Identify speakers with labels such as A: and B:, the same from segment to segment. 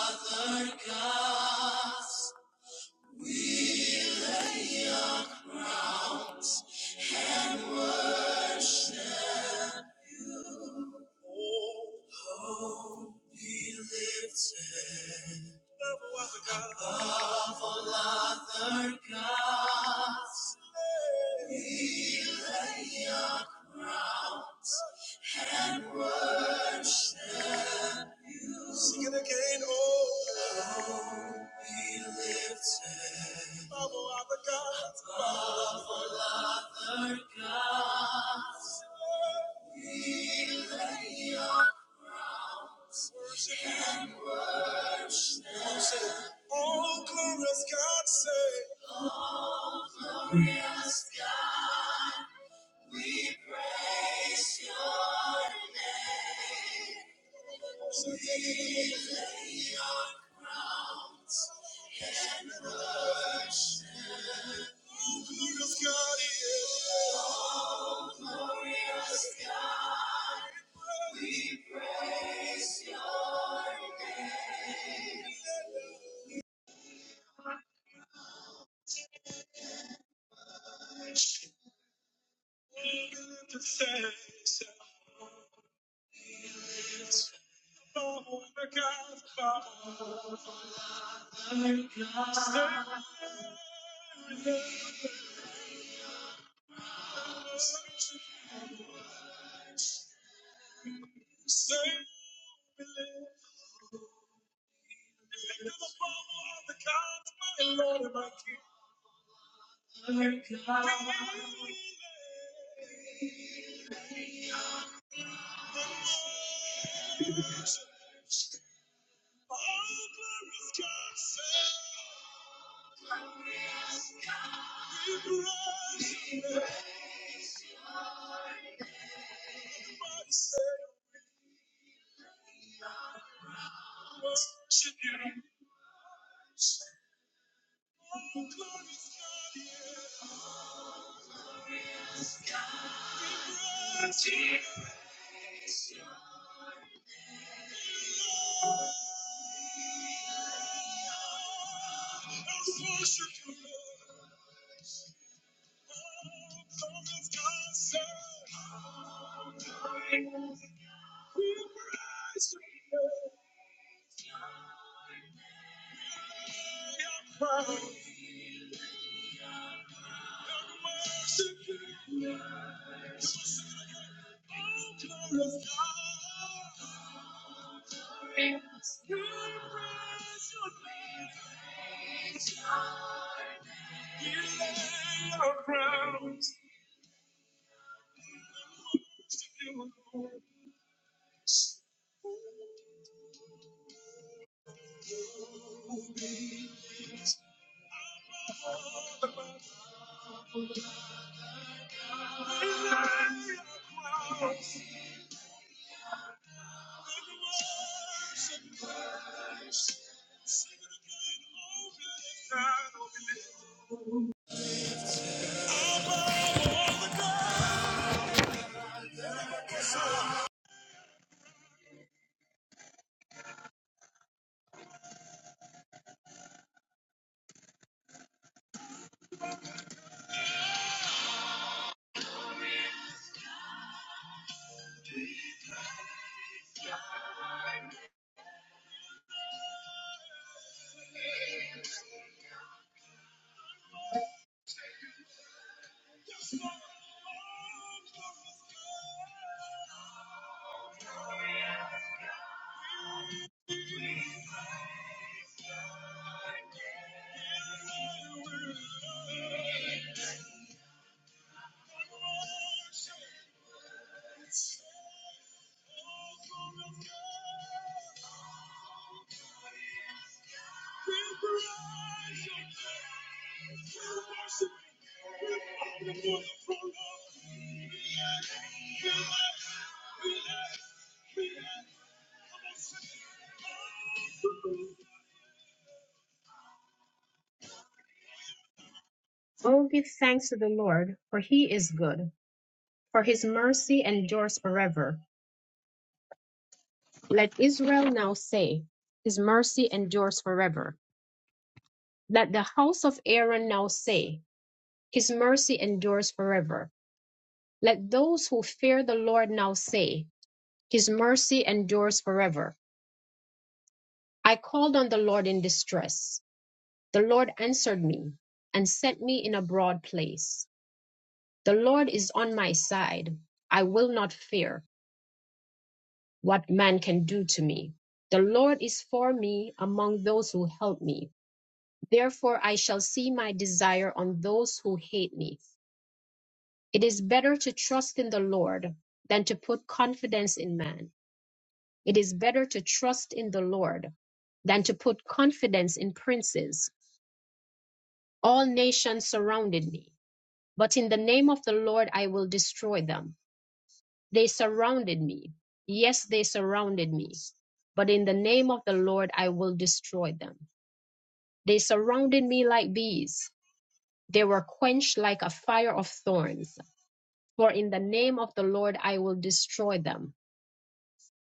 A: Father gods, oh, hope be lifted above all other gods. he lay around, be lifted other gods, glorious God. We praise your name. We lay your crowns and worship. Glorious God, yeah. Oh, glorious God, we praise your name. Oh, give thanks to the Lord, for he is good, for his mercy endures forever. Let Israel now say, His mercy endures forever. Let the house of Aaron now say, His mercy endures forever. Let those who fear the Lord now say, His mercy endures forever. I called on the Lord in distress. The Lord answered me and set me in a broad place. The Lord is on my side. I will not fear what man can do to me. The Lord is for me among those who help me. Therefore, I shall see my desire on those who hate me. It is better to trust in the Lord than to put confidence in man. It is better to trust in the Lord than to put confidence in princes. All nations surrounded me, but in the name of the Lord I will destroy them. They surrounded me. Yes, they surrounded me, but in the name of the Lord I will destroy them. They surrounded me like bees. They were quenched like a fire of thorns. for in the name of the Lord I will destroy them.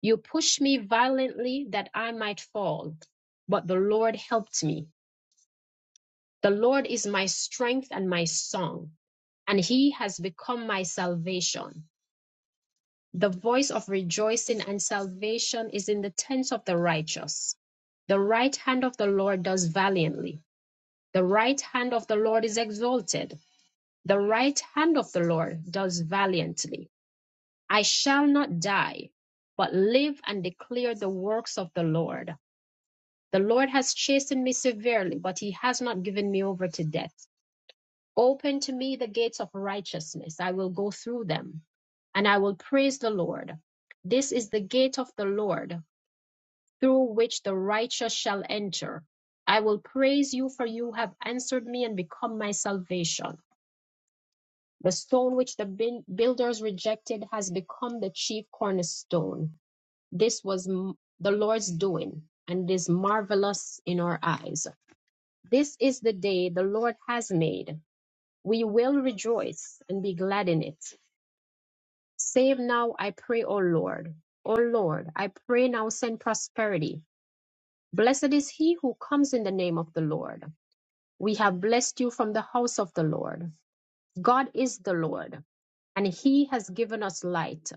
A: You pushed me violently that I might fall, but the Lord helped me. The Lord is my strength and my song, and he has become my salvation. The voice of rejoicing and salvation is in the tents of the righteous. The right hand of the Lord does valiantly. The right hand of the Lord is exalted. The right hand of the Lord does valiantly. I shall not die, but live and declare the works of the Lord. The Lord has chastened me severely, but he has not given me over to death. Open to me the gates of righteousness. I will go through them, and I will praise the Lord. This is the gate of the Lord, through which the righteous shall enter. I will praise you, for you have answered me and become my salvation. The stone which the builders rejected has become the chief cornerstone. This was m- the Lord's doing, and is marvelous in our eyes. This is the day the Lord has made. We will rejoice and be glad in it. Save now, I pray, O Lord. O Lord, I pray now, send prosperity. Blessed is he who comes in the name of the Lord. We have blessed you from the house of the Lord. God is the Lord, and he has given us light.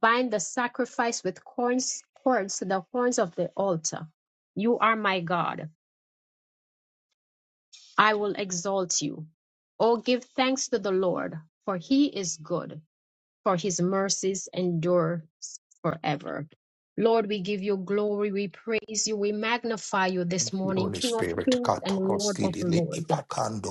A: Bind the sacrifice with corns, cords to the horns of the altar. You are my God. I will exalt you. Oh, give thanks to the Lord, for he is good for his mercies endure forever. Lord, we give you glory, we praise you, we magnify you this
B: Thank you,
A: morning,
B: Holy
A: King of
B: Spirit.
A: kings and Lord of
B: Katoroskidini
A: lords.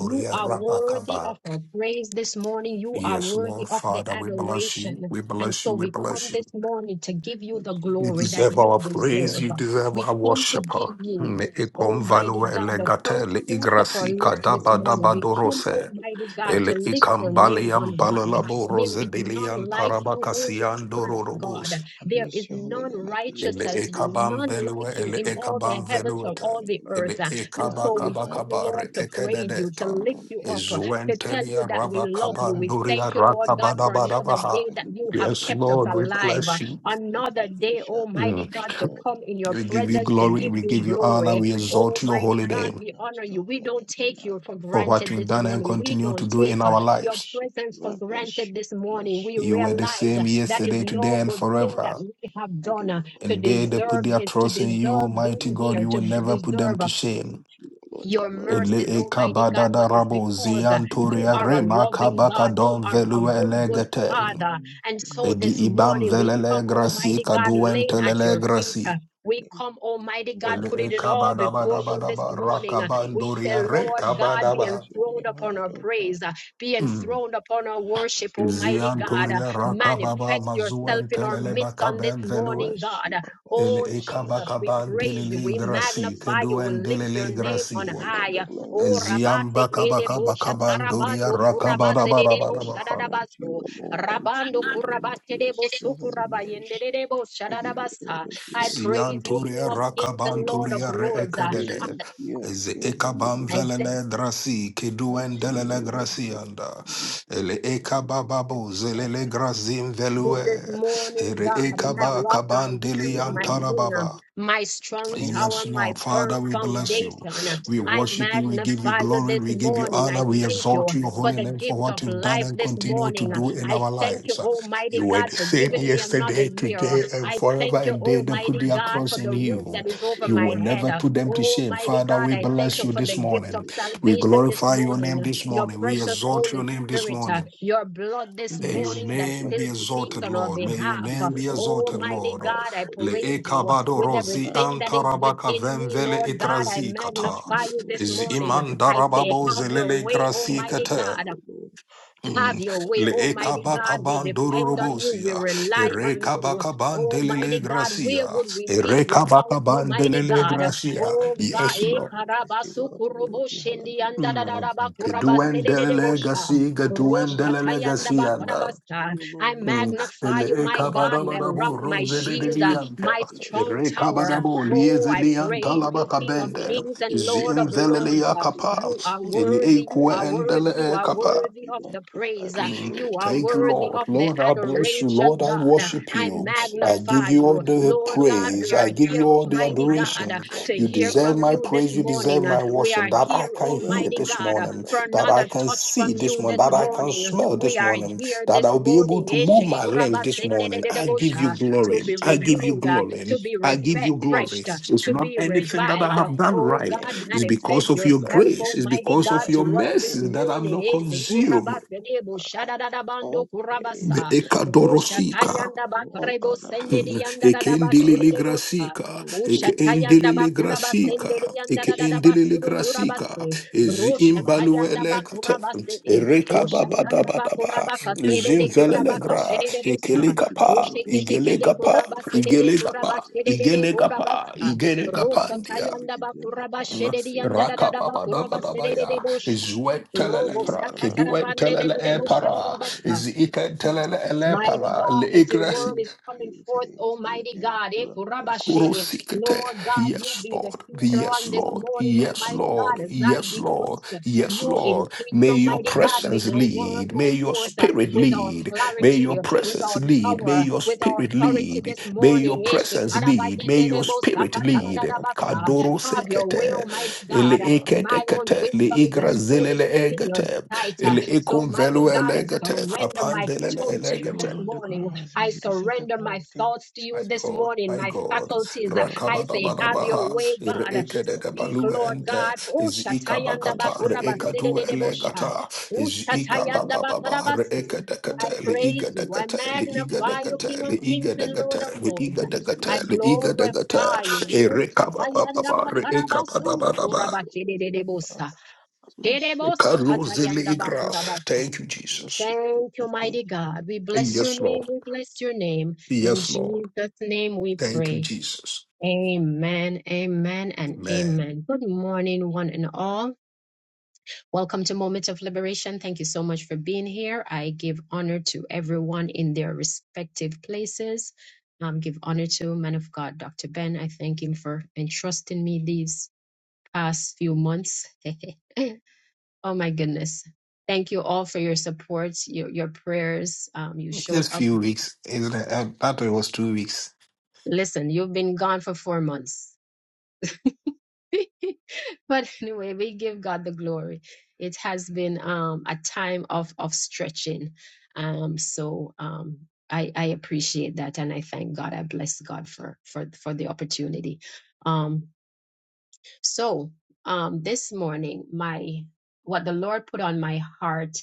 A: You are worthy of
B: rabakaba.
A: our praise this morning. You are
B: Yes,
A: worthy
B: Lord
A: of the
B: Father, we bless you.
A: adoration.
B: We
A: And
B: bless
A: so
B: you. We
A: we come
B: bless you.
A: this morning to give you the
C: person who
B: You
A: glory that
C: enacts
B: deserve
C: on
B: our
A: you
C: the council
B: praise.
C: of
A: deserve.
B: You
C: the
B: deserve
A: We
B: our
A: come to
B: worship.
A: give you,
B: Me ikom
A: Almighty
B: value
A: God, the
B: elegate
A: first
B: le
A: fruits of our
B: igrasi
A: lips this
B: kadaba
A: morning.
B: daba
A: We come,
B: dorose.
A: Almighty God, to
B: Ele
A: lift your
B: ikam
A: name
B: baliam
A: on
C: It
A: high.
C: is
B: balalabo
C: all
A: There
C: the
B: rose
A: is
C: glory,
A: none
B: bilian
C: all
A: like
C: honor
A: you,
C: belongs to
A: Holy
B: tarabakasian
C: your holy
A: Spirit
C: name.
A: of God.
B: dororobos.
C: I
A: There
C: bless
A: is
C: your holy
A: none
C: name. I give you
A: righteous
B: Ele
A: as
C: praise. I
A: you,
C: give you
B: ekabam
A: none
C: all the
B: velue,
A: like you
C: honor,
B: ele
A: in
C: praise,
A: all
C: and
A: the
C: honor
B: ekabam
C: be
A: heavens
C: unto
A: or
C: your
B: veluete,
A: all
C: holy
A: the
C: name.
A: earth.
B: ele
C: Be
A: And
B: ekaba
A: so we
B: kaba
C: magnified,
A: come,
C: be
B: kabare
A: Lord, to
C: glorified.
A: praise
C: Thank
A: you, to
C: you,
B: ekededeta.
A: lift
C: Lord.
A: you
C: Thank
A: up,
C: you,
A: to
C: Father.
A: tell you
B: Ezuentelia
A: that we love
C: Father,
B: rabakaba
A: you.
C: I
A: We
C: bless
B: nuria
A: thank you,
C: your name.
A: Lord God,
C: I
A: for
C: worship
A: another
C: you.
B: rakabadabadabaha.
A: day
C: I
A: that
C: give you
A: you
C: all
A: have
C: the
B: Yes,
A: kept us
C: glory.
B: Lord, we
C: I say,
A: alive.
B: bless
C: Lord,
B: you.
C: Lord,
A: Another day,
C: hallelujah
A: Almighty
C: unto
B: Mm.
C: your
A: God, to come
C: glory.
A: in your
B: We give
C: It
B: you
A: presence
C: is
A: to
C: of the
B: glory,
A: give
B: we
A: you
B: give
C: glory,
B: you
C: it is the
B: honor,
A: glory.
B: we
C: honor,
B: exalt your
C: praise
A: Almighty
B: holy
C: and honor
A: God,
B: name
A: we
C: be unto
A: honor
C: your
A: you. We
C: holy
A: don't
C: name, be
A: take you for
B: for
C: magnified.
B: what
A: granted
B: you've
A: this
B: done and
A: morning. We
B: continue to
A: don't
B: do
A: take
B: in
A: uh,
B: our
C: I
A: your
B: lives.
C: worship
A: presence
C: you,
A: for
C: I bless
A: granted
C: you,
A: this
C: I bless
A: morning.
C: you,
A: We
C: I
B: You were the
C: bless
A: realize
C: you.
A: uh,
B: same
A: that is
B: yesterday,
C: I give
B: today,
A: no
C: you
B: and
A: good thing that
B: forever.
C: praise.
A: we have
C: I
A: done
C: give you
A: uh,
C: all
A: to
B: And
C: the
B: they
C: glory,
B: that put
A: deserve
B: their
C: bless
A: this,
C: you,
A: to
B: trust in
C: glory,
B: you,
A: deserve
B: mighty
C: glory,
A: being
B: God,
A: here,
B: you
A: to
B: will
A: b-
B: never
C: hallelujah.
B: put them
A: deserve. uh,
B: to shame.
C: Unto you alone the
A: your
C: glory
B: Ele
C: must
A: mercies,
B: e
C: be given.
A: Almighty
B: kabada
A: God,
B: da
A: but it's
B: rabo
A: because
C: It
A: uh,
C: is
B: zian
C: of the
A: you
B: toria
A: are a
C: glory,
B: rema
C: it
A: loving
C: is
B: kabaka
A: God. You
B: don
C: the
A: are
C: praise
A: a
B: velue
C: and honor
A: good,
C: be
A: good
C: unto your
B: elegete.
C: holy
A: Father.
C: name,
A: And
C: be
A: so
B: Edi
A: this
C: magnified,
B: ibam
C: be
A: morning we come,
B: velele
C: glorified,
B: grasi
A: Almighty God,
C: be
B: kaduen
A: laying
C: magnified.
A: at
B: telele
A: your feet.
C: be
A: uh,
B: grasi.
A: We
C: magnified.
A: come, Almighty God,
C: I
B: Ele
A: put
B: e
A: it in
C: bless you,
A: all
C: I
B: kabada
A: before
B: bada
C: bless
A: you
C: you,
B: bada
C: I
A: this
B: ba
C: bless
A: morning.
C: you,
A: Uh,
C: I
A: We
C: bless you,
A: say,
B: rakabandoria
C: I
B: re
A: Lord
C: bless you, I
A: God,
B: kabada
A: be
C: lift
B: ba.
C: your
A: enthroned
C: name
A: upon
C: high,
A: our
C: oh God.
A: praise, uh, be
B: Mm.
A: enthroned upon our
C: I
A: worship,
C: Thank
A: Almighty
B: Zian
C: you,
A: God.
C: Lord.
A: Uh,
B: toria
C: thank you,
B: rakababa
A: Manifest
C: Jesus.
A: yourself
C: Thank you,
B: mazuen
A: in our
B: telele
C: Father.
A: midst on this
B: bakaben
C: I
B: velue.
A: morning,
C: bless
A: God.
C: you, I
B: Ele
C: bless you,
A: Oh
B: e
C: I
A: Jesus,
C: bless you,
A: we
C: I
B: kabakaban
C: bless
A: praise you,
C: you,
B: dilili
C: I
A: we
C: bless
B: grasi
C: you.
A: magnify you, we
B: keduen
A: lift
C: I
A: your
C: say
B: dilili
A: name
C: unto you
A: on
B: grasi.
C: alone the
A: high.
C: glory
A: Oh
C: mighty you
B: Ziam
A: Rabate
C: deserve it,
B: bakabaka
C: to
A: Kedebo
C: God, unto
B: bakabandoria
A: Shatarabando
C: you alone.
B: rakabada
A: Kurabate
B: bada
A: Debo
B: bada
C: King of
B: ba.
C: King, unto
A: Shadadabaso
C: you alone, unto
A: Rabando
C: you alone, I
A: Kurabate Debo
C: bless your holy name.
A: Sukurabayende Debo
C: I give you all
A: Shadadabasa.
C: the
A: I
C: glory, I
A: praise
C: give
A: you,
C: you
A: King
B: Zianturia
A: of
C: all the
A: Kings and Lord
C: praise.
A: of
B: rakabanturia
A: Lords.
B: reekedede.
C: Praise
A: Uh,
C: be unto
B: Ze
C: your holy
B: ekabam
C: name, King
B: velele
C: of
B: drasi keduen
C: unto you,
B: delele
C: O Lord God.
B: grasianda.
C: this day,
B: Ele
C: the glory, you deserve
B: ekabababo
C: the
B: zelele
C: honor.
B: grazim
C: All
B: velue.
A: this
C: honor be unto
A: morning,
B: Ere
C: your
A: God,
C: holy
A: my
B: ekaba
C: name.
A: rock, my
B: kaban
C: You
A: tree, my
C: love
A: king, um,
B: deliantara
A: my
C: the
A: strong
C: glory.
A: tower,
B: Yes,
A: my
B: Lord.
A: firm
B: Father, we
C: We
B: bless
C: Thank
B: you.
C: you
A: foundation.
C: and I
A: Um,
B: We
C: bless
A: I
B: worship
C: you.
B: you. We give you
A: magnify you
B: glory.
A: this
B: We
C: You
B: give you
C: all the
A: morning. I
B: honor. We
C: praise
A: thank
C: and you
A: you
B: exalt your
C: give
A: for
C: all
B: holy
A: the
B: name for
C: the
A: gift
B: what
A: of
C: honor.
B: you've done
A: life
B: and
A: this
B: continue
C: All
B: to
A: morning. Uh,
C: honor
B: do
C: be
B: in
A: I
B: our
C: unto your
A: thank you,
B: lives.
C: holy name.
A: Almighty
B: You were
A: God,
B: the
A: for
B: same
C: All
A: giving me another
C: praise
B: yesterday,
C: be
A: year.
B: today,
C: unto your
B: and
A: I
C: holy
B: forever,
C: name.
A: thank you,
B: and they that put
A: Almighty
B: their
A: God,
C: All
A: for
B: trust in
A: the
C: praise
A: roof
C: be
B: you.
A: that is
C: unto
A: over
C: your
B: You
A: my
B: will
C: holy name.
A: head.
B: never
A: Uh,
B: put them to shame.
A: Almighty
B: Father,
C: You
A: God,
B: we
A: I
C: deserve the
A: thank
B: bless
A: you
B: you
C: glory,
A: for
B: this
A: the
C: you
A: gift
B: morning.
A: of
C: deserve the honor.
B: We
A: salvation this
C: All
B: glorify your
A: morning,
C: honor
B: name
A: uh,
C: be
B: this
C: unto
A: your
C: your
B: morning. We
C: holy
A: precious
C: name. I
B: exalt
A: Holy
B: your
C: thank
B: name
C: you
B: this
C: and
A: Spirit,
C: I
A: uh,
C: bless
B: morning.
C: you.
A: your blood this
B: May your
A: morning
C: worship
A: that
C: you. I
B: name
A: still
B: be
C: give you
A: speaks
B: exalted,
A: on
C: praise.
A: our
B: Lord. May your
C: I
A: behalf.
C: give
A: Uh,
B: name
C: you
B: be
C: all the
B: exalted,
C: glory.
A: Almighty
B: Lord.
C: All
A: God, I
C: glory
B: Le
C: be
A: praise
C: unto
A: you uh,
C: your holy
B: ekabado
A: with
C: name. Be
B: rozi
C: magnified
A: everything that is
B: antarabaka
A: within me,
B: vemvele
A: Lord God. I
B: itrazi kata.
C: unto
A: magnify
C: you
A: you this
C: alone,
B: Z
C: O
A: morning.
C: Lord. Unto
A: I
C: you
A: say,
B: imandarababo
C: alone.
A: have your
C: Unto
B: zelele
A: way,
C: you
B: grasi
C: alone.
A: Almighty
C: Unto
B: kate.
A: God.
C: you alone. You
A: Have
B: Mm.
C: deserve
A: your
C: the
A: way,
B: Le
C: glory.
A: Almighty
B: ekabaka
A: God. We
C: Thank you,
A: depend on
C: Father.
A: you. We
B: bandororobosia.
C: Thank
A: rely
C: you,
A: on
C: King of
A: you.
B: Erekabaka
C: Kings.
B: bandelele
A: Almighty God, where
B: gracia.
A: would we be without
B: Erekabaka
A: you, mighty
B: bandelele
C: I
A: God?
C: bless you
B: gracia.
C: holy
A: Oh
C: name. I
A: God,
B: Yes,
C: give you
A: eh,
B: Lord.
C: praise. I stay
A: karabasu
C: wealthy,
A: kurubu
C: wealthy.
A: shindi anda da da
C: Hallelujah.
B: Mm.
A: da ba kurabase
B: Keduen
C: Unto
A: de de
C: you
A: de
B: delele
C: alone.
A: bosha.
B: gasi,
C: Unto you
B: keduen
C: alone.
A: Rosha
B: delele
C: Unto
A: tayanda
C: you
A: ba
C: alone.
B: gasi
C: Unto
A: karabasa.
C: you
A: I
C: alone, O
B: Mm.
C: God.
A: magnify you,
B: Ele e
A: my God,
C: Unto
A: my
C: you
A: rock,
B: kabarabarabu
A: my
C: alone, I bless
A: shield, uh,
C: you,
B: ruzelilianta.
C: I
A: my
C: bless
A: strong
C: you,
B: Ere
C: I
A: tower.
B: kabarabu
C: bless you.
A: Oh, I
C: You
B: liezelianta
A: praise you,
C: deserve the
A: King of
B: labakabende.
C: glory, you
A: kings and
C: deserve the
A: Lord of
C: honor, you
A: lords. Uh,
C: deserve the
B: Zinzeleliyakapa.
A: you
C: praise.
A: are
B: Ele e kuendele e
A: worthy,
B: kapa.
A: you
B: Eleekwe
A: are
C: Praise be
B: endele
A: worthy,
C: unto
A: you
C: your
A: are
C: holy
B: ekapa
C: name,
A: worthy
C: be
A: of the praise.
C: magnified,
A: uh,
C: be
B: clean.
A: You are
B: Thank you,
C: glorified.
A: worthy
B: Lord.
A: of the
B: Lord, I
C: Unto you
B: bless you.
C: alone,
A: adoration,
B: Lord, I
C: thank
A: God. Uh,
C: you,
B: worship
A: I
B: you.
C: Jesus. I do
B: I
C: not
B: give
C: believe
A: magnify
B: you all
C: who
A: you.
C: is on
B: the
C: my
A: Lord God, we
B: praise.
C: side.
B: I
A: are
B: give you
A: here,
B: all the
C: Where
A: Almighty
C: will I
A: God,
C: have
A: uh,
B: adoration.
C: been?
A: to
B: You
C: Oh,
A: hear
C: God,
A: from
C: I
B: deserve my
A: you
C: bless
A: this
B: praise. You
C: you, I
B: deserve
A: morning. Uh,
B: my
A: We
C: exalt
B: worship.
A: are
C: you.
B: That
C: I
B: I
A: here,
C: say,
B: can hear
A: Almighty
C: wealthy,
B: this
A: God, uh,
C: wealthy,
B: morning.
A: for
B: That I
A: another
C: hallelujah.
B: can
A: touch
B: see
A: from
B: this
A: you
B: morning.
A: this
B: That
C: Unto
B: I
C: you
B: can
A: morning. Uh,
C: alone,
B: smell
C: oh
A: We
B: this
A: are
C: God,
B: morning.
A: here
B: That
A: this
B: I'll be able
A: morning,
B: to move
A: Eshe
C: thank
B: my
C: you,
B: limbs
C: oh
B: this
C: God,
B: morning. I give
C: I
B: you
A: kurabasendedededebosha, to
B: glory.
C: bless
A: be
B: I
C: you, I
B: give you
A: renewed, uh, to
B: glory.
C: bless
A: be
B: I
C: you.
B: give
C: Yes,
B: you glory.
A: refreshed,
C: I give
B: It's
A: to
C: you
B: not
A: be
C: all the
B: anything that I
A: revived.
C: glory.
A: That,
B: have done
A: oh
B: right.
A: God,
C: Thank
B: It's
C: you
B: because
C: and
A: manifest
C: I
B: of your
C: bless
A: yourself,
B: grace. It's
C: you, O
A: Almighty
B: because of
C: God.
A: God, to
B: your
A: us
C: I
A: this
B: mercy that I'm
A: morning.
C: exalt
B: not
C: your
A: Eshe
C: holy
B: consumed.
A: kuraba
C: name, O
A: serebo
C: God.
A: shadadadabando
C: All
B: Me
C: praise
A: kurabasa.
C: be unto
A: Rosha
C: you.
B: Ekadorosika,
C: All
A: bakrebo
C: honor be
A: sendedi
C: unto
A: yanda
C: you,
A: dadaba
B: Ekendilili
C: Father.
A: shedebo sa.
B: Grasika,
C: All
A: Usha
C: glory be
A: tayanda
B: Ekendilili
C: unto you,
B: Grasika,
C: Father. I bless you, yes,
B: Ekendilili
C: Lord.
B: Grasika,
A: kurabase.
C: Bless you,
A: Rosha
C: I bless you.
B: Ezimbaluele Gata,
A: bakurabase.
B: Ereka
A: Usha
B: Baba
A: tanda
B: Daba Daba,
A: bakurabaka
C: Unto you, O
A: sedede
C: Lord. Thank
A: kurabaka
C: you,
B: Zimvelelegra,
C: Jesus. Thank you,
B: Ekelikapa,
C: Lord. I bless you,
A: kede
C: holy
B: Igelegapa,
C: name. I
A: kurabase
C: thank
A: dede
C: you and I
B: Igelegapa,
A: kurabashe
C: bless
A: dede
C: you. Mm.
B: Igenegapa,
A: kurabasa.
C: You deserve the
A: Rosa
B: Igenegapandia.
C: glory. You
A: tayanda
C: deserve the
A: bakuraba
C: honor.
A: shededi
C: Praise
A: yanda da da
C: and
A: da
C: honor be
A: bakuraba
C: unto your
A: sedede de
B: Rakapabadabadabaya.
C: holy name.
A: bosha.
B: Zuentelele
A: Robo
C: Praise
B: pra.
C: and
A: saka
C: honor be
A: tarabande
C: unto
A: de
B: Keduentelele
C: your
A: de
C: holy
A: bosha da
C: name.
A: da
B: epara.
C: Thank
A: basa.
C: you, thank you, thank
B: Zikentelele
C: you, Father.
A: Mighty
B: elepara.
A: God, as your
B: Leigresi
A: word
C: Thank
A: is coming
C: you,
A: forth,
C: thank you,
A: Almighty
C: thank
A: God,
C: you. I
A: eh,
C: bless
A: kurabashe.
C: you
B: Kurosikete.
A: Lord God, you
B: Yes,
A: be the
B: Lord.
A: teacher
B: Yes,
A: on
C: unto
A: this
C: all of
B: Lord.
A: morning,
C: the
B: Yes,
C: must
A: Almighty
C: be.
B: Lord.
A: God, as
C: thank
A: I
B: Yes,
C: you.
B: Lord.
A: decrease, uh,
C: I
B: Yes,
A: you
C: bless you,
B: Lord.
C: I
A: increase,
B: May
C: bless
B: your
C: you,
A: Almighty
C: I
A: God. May
C: bless
B: presence
A: your
C: you, I
A: word
B: lead.
C: bless
B: May
A: go
C: you,
B: your
C: I
A: forth uh,
C: bless
B: spirit
C: you.
A: with our
B: lead. May your
A: clarity, uh,
C: Unto all of
A: with
C: the
B: presence
A: our
B: lead.
C: promise.
B: May
A: power,
C: We
B: your
A: with
C: thank
A: our
B: spirit
C: you,
A: authority
B: lead.
A: this
C: Father.
B: May
C: Thank
B: your
A: morning. eh,
C: you,
B: presence lead. May your
C: thank
A: shikarabayenderebo
C: you,
B: spirit lead.
C: Father. Thank
A: sakatadadadabasa.
C: you,
B: Kadoro
A: Have
C: Father.
A: your way,
B: sekete.
C: Thank you,
A: Almighty
B: Ele
A: God.
C: Father.
B: ekete
A: My own
B: kete. Le
A: wisdom is
B: igra
A: as
B: zelele
A: foolishness in your
B: egete.
A: sight. uh,
B: Ele
A: so,
B: ekum
A: mighty
B: velu
A: God, I
B: elegete.
A: surrender my
B: Kapandelele
A: tongue
C: Unto
A: to you
C: you
A: this
B: elegete.
C: alone the glory
A: morning.
C: must be.
A: I
C: You deserve the
A: surrender
C: glory.
A: my
C: Thank
A: thoughts to
C: you,
A: you
B: My
C: Jesus.
A: this
B: God,
A: morning,
B: my
A: my
B: God,
C: Thank you,
A: faculties.
C: Lord.
A: I
C: Unto
A: say,
C: you
A: have
C: alone, I
A: your
B: Rakabadabadabaha,
A: way,
C: bless you. I
A: God.
C: bless
B: Ireke
C: you.
B: de
C: I
A: Speak,
C: bless
B: Balu
C: you. I
A: Lord
B: ente,
C: bless
A: God.
C: you.
A: Oh,
B: Izika
C: I
A: Shatayanda
C: bless
B: bakata,
C: your holy
B: Reeka
C: name.
A: Bakurabasi
C: I
B: du
A: de
C: give you
A: Debosha.
C: praise.
B: elegata,
A: Oh,
C: I give
B: Izika
C: you all
A: Shatayanda
C: the
B: bababa,
C: glory. I
B: Reeka
A: Bakurabasi.
C: give you
B: de
C: all
A: I
C: the
B: Catel,
C: honor.
A: praise
B: Iga de
A: you.
C: You
A: I
B: Catel, Iga de
A: magnify
C: deserve
A: you,
C: the
A: King
B: Catel,
A: of
C: glory. You
A: kings
B: Iga de
A: and
C: deserve
A: Lord of
C: the
B: Catel,
C: honor.
A: lords.
B: Iga de
C: Praise be unto
A: I
B: Catel,
C: your
B: Iga
C: holy
B: de
C: name.
A: glorify you.
C: Be
B: Catel,
A: Oh,
B: Ereka
C: magnified. Be
A: Shatayanda
B: bababa, Reeka
C: glorified
A: Bakarabasundu
C: unto
B: bababa,
C: you
A: Kurabaki
C: alone,
A: de
C: O God.
A: Debosa.
C: I bless you.
B: Carlo Ziligras. Thank you, Jesus.
C: Worship you.
A: Thank
C: I
A: you,
C: thank
A: mighty God. We bless your
B: Yes,
A: name.
B: Lord.
A: We bless your name.
C: you.
A: In
C: Thank
B: Yes, Lord.
A: Jesus' name we
B: Thank you,
A: pray.
B: Jesus.
A: Amen, amen, and
B: Amen.
A: amen. Good morning, one and all. Welcome to Moment of Liberation. Thank you so much for being here. I give honor to everyone in their respective places. Um, give honor to man of God, Dr. Ben. I thank him for entrusting me these past few months. Oh my goodness. Thank you all for your support, your, your prayers. Um, you
B: It's
A: showed
B: just
A: up.
B: few weeks, isn't it? I, I thought it was two weeks.
A: Listen, you've been gone for four months. but anyway, we give God the glory. It has been um, a time of, of stretching. Um, so um, I, I appreciate that and I thank God. I bless God for, for, for the opportunity. Um, So, um, this morning, my what the Lord put on my heart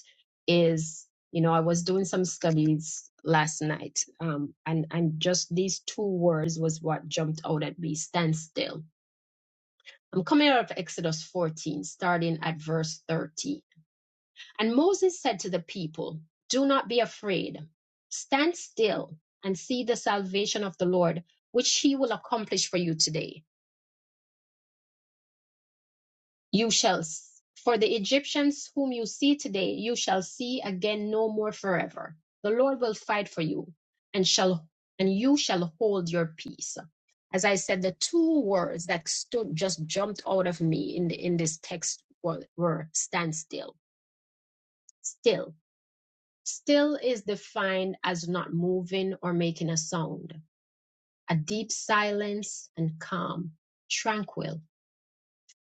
A: is, you know, I was doing some studies last night, um, and and just these two words was what jumped out at me: stand still. I'm coming out of Exodus 14, starting at verse 30. And Moses said to the people, "Do not be afraid. Stand still and see the salvation of the Lord, which He will accomplish for you today." You shall, for the Egyptians whom you see today, you shall see again no more forever. The Lord will fight for you and shall, and you shall hold your peace. As I said, the two words that stood, just jumped out of me in the, in this text were, were stand still, still. Still is defined as not moving or making a sound, a deep silence and calm, tranquil,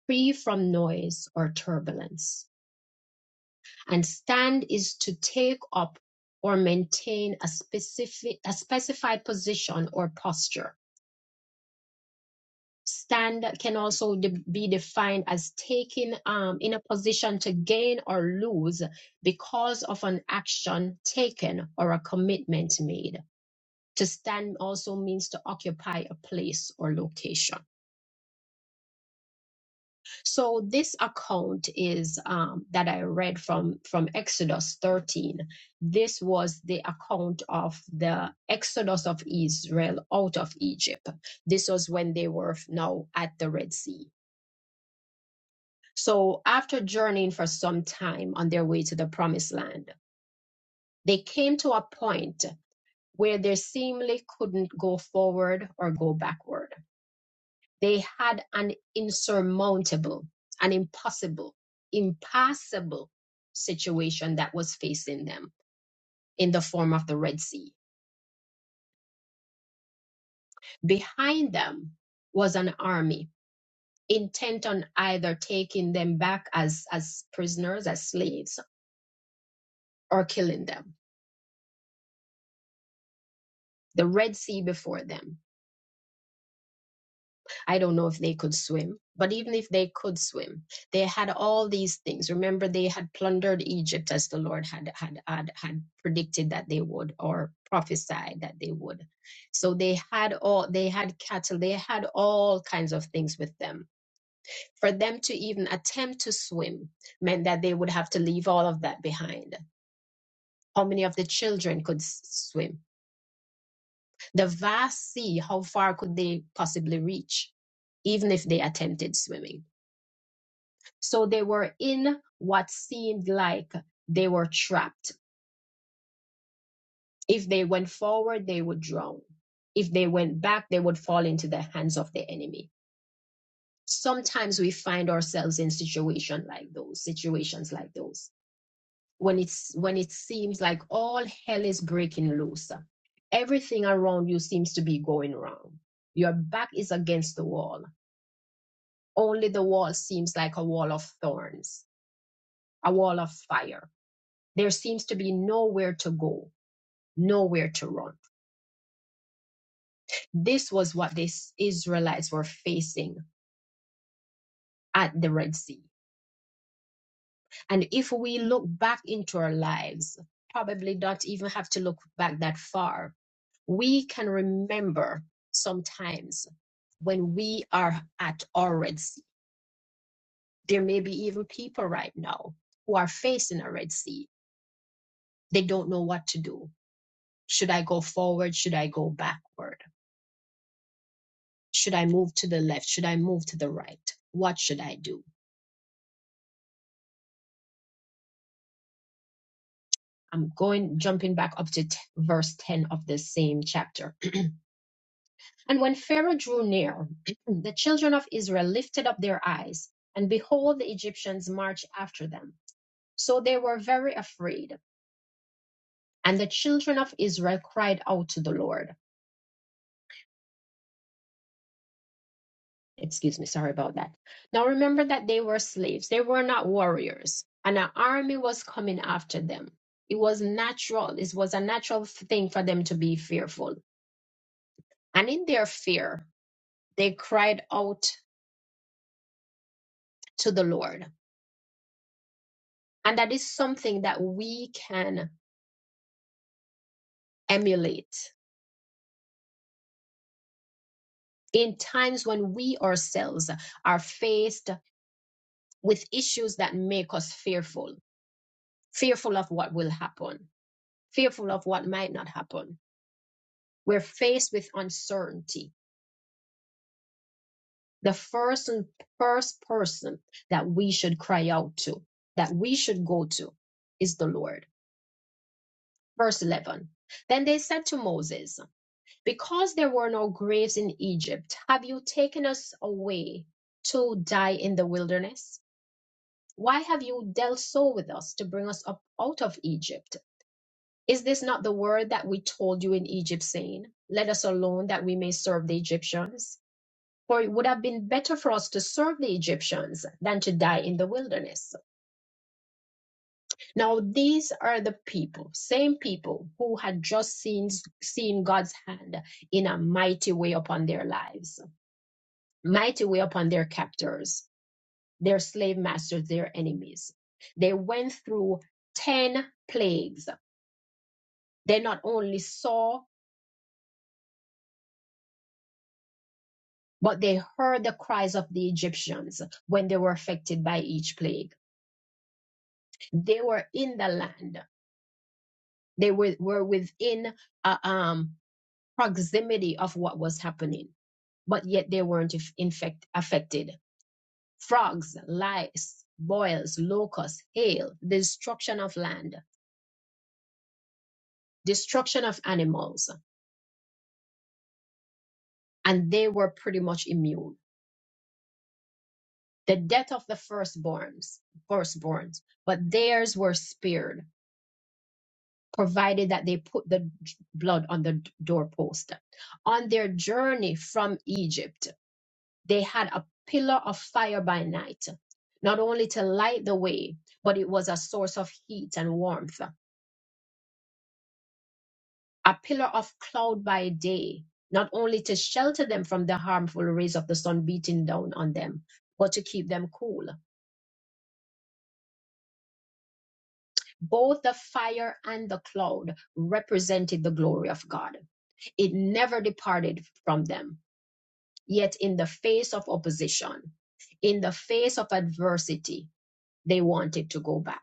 A: free from noise or turbulence. and stand is to take up or maintain a specific a specified position or posture stand can also de- be defined as taking um, in a position to gain or lose because of an action taken or a commitment made to stand also means to occupy a place or location So this account is um, that I read from from Exodus 13. This was the account of the Exodus of Israel out of Egypt. This was when they were now at the Red Sea. So after journeying for some time on their way to the promised land, they came to a point where they seemingly couldn't go forward or go backward They had an insurmountable, an impossible, impassable situation that was facing them in the form of the Red Sea. Behind them was an army intent on either taking them back as, as prisoners, as slaves, or killing them. The Red Sea before them I don't know if they could swim, but even if they could swim, they had all these things. Remember, they had plundered Egypt as the Lord had had had, had predicted that they would or prophesied that they would. So they had all they had cattle, they had all kinds of things with them. For them to even attempt to swim meant that they would have to leave all of that behind. How many of the children could s- swim? The vast sea, how far could they possibly reach, even if they attempted swimming? So they were in what seemed like they were trapped. If they went forward, they would drown. If they went back, they would fall into the hands of the enemy. Sometimes we find ourselves in situations like those, situations like those, when it's when it seems like all hell is breaking loose. Everything around you seems to be going wrong. Your back is against the wall. Only the wall seems like a wall of thorns, a wall of fire There seems to be nowhere to go, nowhere to run. This was what the Israelites were facing at the Red Sea. And if we look back into our lives, probably not even have to look back that far, we can remember sometimes when we are at our Red Sea. There may be even people right now who are facing a Red Sea. They don't know what to do. Should I go forward? Should I go backward? Should I move to the left? Should I move to the right? What should I do? I'm going, jumping back up to t- verse 10 of the same chapter. And when Pharaoh drew near, the children of Israel lifted up their eyes, and behold, the Egyptians marched after them. So they were very afraid. And the children of Israel cried out to the Lord. Excuse me, sorry about that. Now remember that they were slaves, they were not warriors, and an army was coming after them. It was natural, it was a natural f- thing for them to be fearful. And in their fear, they cried out to the Lord. And that is something that we can emulate in times when we ourselves are faced with issues that make us fearful, fearful of what will happen, fearful of what might not happen we're faced with uncertainty, the first and first person that we should cry out to, that we should go to, is the Lord. Verse 11. Then they said to Moses, Because there were no graves in Egypt, have you taken us away to die in the wilderness? Why have you dealt so with us to bring us up out of Egypt? Is this not the word that we told you in Egypt, saying, Let us alone that we may serve the Egyptians? For it would have been better for us to serve the Egyptians than to die in the wilderness. Now, these are the people, same people who had just seen, seen God's hand in a mighty way upon their lives, mighty way upon their captors, their slave masters, their enemies. They went through 10 plagues. They not only saw, but they heard the cries of the Egyptians when they were affected by each plague. They were in the land They were, were within uh, um, proximity of what was happening, but yet they weren't if- infect, affected. Frogs, lice, boils, locusts, hail, destruction of land, destruction of animals, and they were pretty much immune. The death of the firstborns, firstborns, but theirs were spared, provided that they put the blood on the doorpost. On their journey from Egypt, They had a pillar of fire by night, not only to light the way, but it was a source of heat and warmth. A pillar of cloud by day, not only to shelter them from the harmful rays of the sun beating down on them, but to keep them cool. Both the fire and the cloud represented the glory of God. It never departed from them. Yet, in the face of opposition, in the face of adversity, they wanted to go back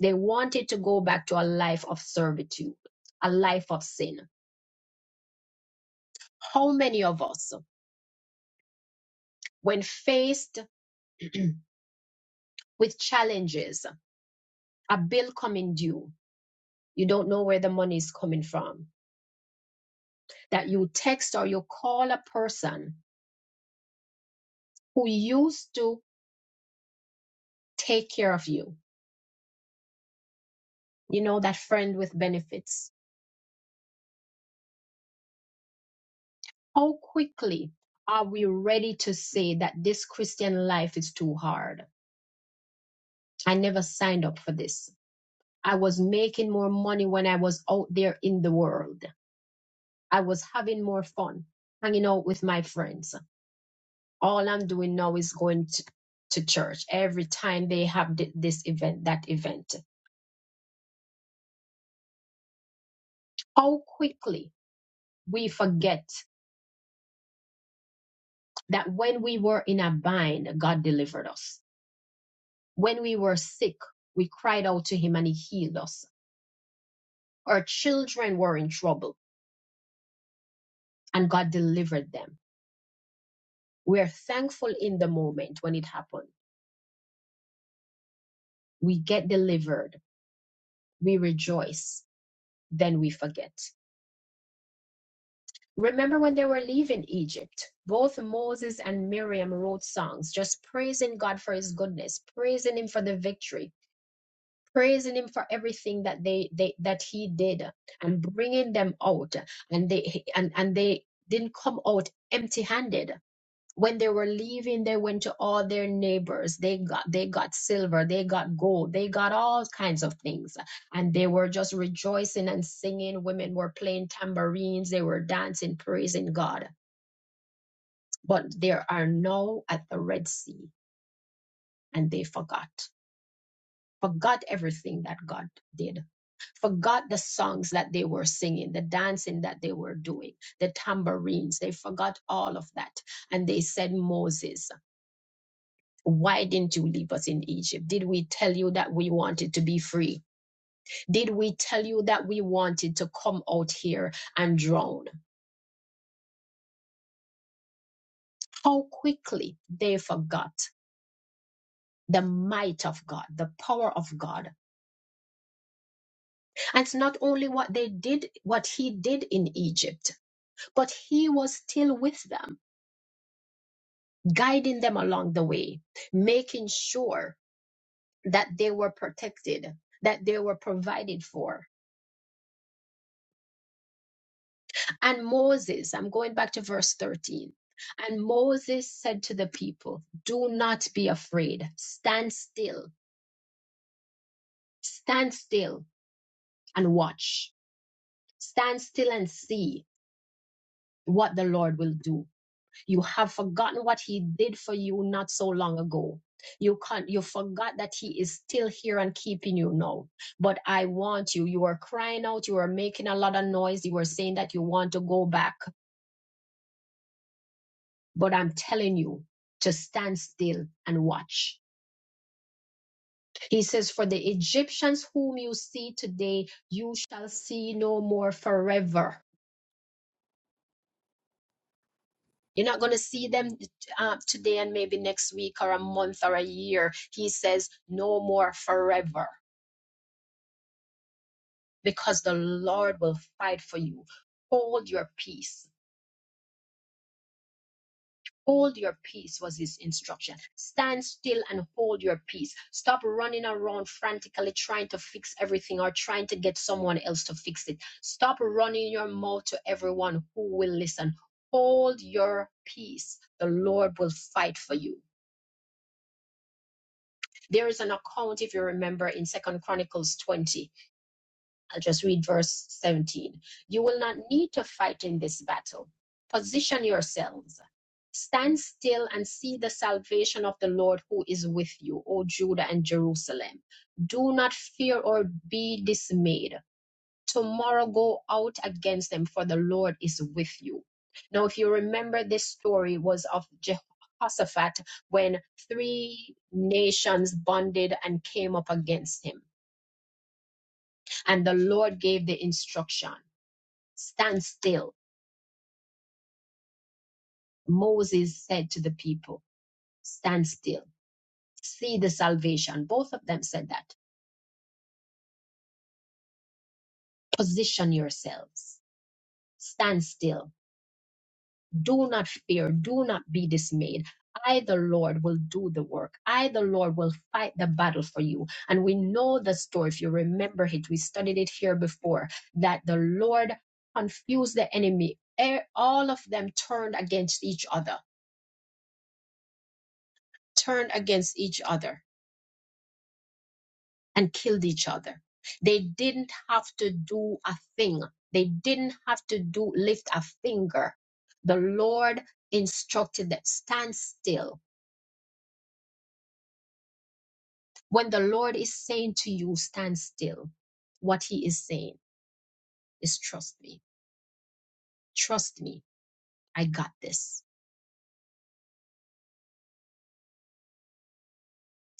A: They wanted to go back to a life of servitude, a life of sin. How many of us, when faced with challenges, a bill coming due, you don't know where the money is coming from, that you text or you call a person who used to take care of you, you know, that friend with benefits. How quickly are we ready to say that this Christian life is too hard? I never signed up for this. I was making more money when I was out there in the world. I was having more fun, hanging out with my friends. All I'm doing now is going to, to church every time they have thi- this event, that event. How quickly we forget that when we were in a bind, God delivered us. When we were sick, we cried out to Him and He healed us. Our children were in trouble and God delivered them. We are thankful in the moment when it happened. We get delivered we rejoice, then we forget. Remember when they were leaving Egypt, both Moses and Miriam wrote songs just praising God for his goodness, praising him for the victory, praising him for everything that they, they that he did and bringing them out and they and and they didn't come out empty-handed when they were leaving they went to all their neighbors they got they got silver they got gold they got all kinds of things and they were just rejoicing and singing women were playing tambourines they were dancing praising god but there are now at the red sea and they forgot forgot everything that god did forgot the songs that they were singing the dancing that they were doing the tambourines they forgot all of that and they said moses Why didn't you leave us in Egypt? Did we tell you that we wanted to be free? Did we tell you that we wanted to come out here and drown? How quickly they forgot the might of God, the power of God. And it's not only what they did, what he did in Egypt, but he was still with them, guiding them along the way, making sure that they were protected, that they were provided for And Moses, I'm going back to verse 13. And Moses said to the people, Do not be afraid. Stand still. Stand still and watch. Stand still and see what the Lord will do. You have forgotten what he did for you not so long ago. You can't, you forgot that he is still here and keeping you now. But I want you. You were crying out. You were making a lot of noise. You were saying that you want to go back But I'm telling you to stand still and watch. He says, For the Egyptians whom you see today, you shall see no more forever. You're not going to see them uh, today and maybe next week or a month or a year. He says, No more forever, because the Lord will fight for you. Hold your peace. Hold your peace was his instruction. Stand still and hold your peace. Stop running around frantically trying to fix everything or trying to get someone else to fix it. Stop running your mouth to everyone who will listen. Hold your peace. The Lord will fight for you. There is an account, if you remember, in Second Chronicles 20 I'll just read verse 17. You will not need to fight in this battle. Position yourselves. Stand still and see the salvation of the Lord who is with you, O Judah and Jerusalem. Do not fear or be dismayed. Tomorrow go out against them, for the Lord is with you. Now, if you remember, this story was of Jehoshaphat when three nations bonded and came up against him and the Lord gave the instruction. Stand still. Moses said to the people, Stand still. See the salvation. Both of them said that. Position yourselves. Stand still. Do not fear. Do not be dismayed. I, the Lord, will do the work. I, the Lord, will fight the battle for you. And we know the story. If you remember it, we studied it here before that the Lord confused the enemy. Eh, All of them turned against each other, turned against each other and killed each other. They didn't have to do a thing. They didn't have to do lift a finger. The Lord instructed them, stand still. When the Lord is saying to you, stand still, what he is saying is trust me. Trust me. I got this.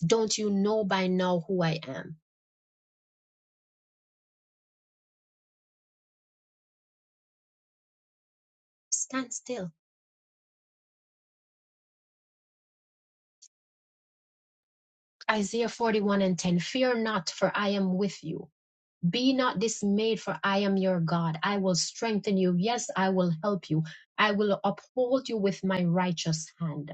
A: Don't you know by now who I am? Stand still. Isaiah 41 and 10. Fear not, for I am with you. Be not dismayed, for I am your God. I will strengthen you. Yes, I will help you. I will uphold you with my righteous hand.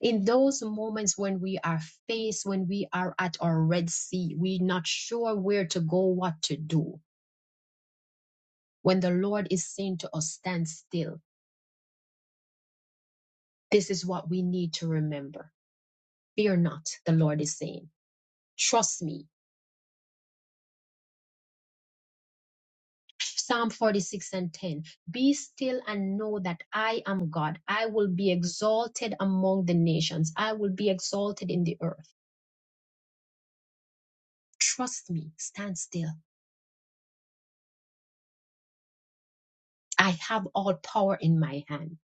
A: In those moments when we are faced, when we are at our Red Sea, we're not sure where to go, what to do. When the Lord is saying to us, stand still, this is what we need to remember. Fear not, the Lord is saying. Trust me. Psalm 46 and 10. Be still and know that I am God. I will be exalted among the nations. I will be exalted in the earth. Trust me. Stand still. I have all power in my hand.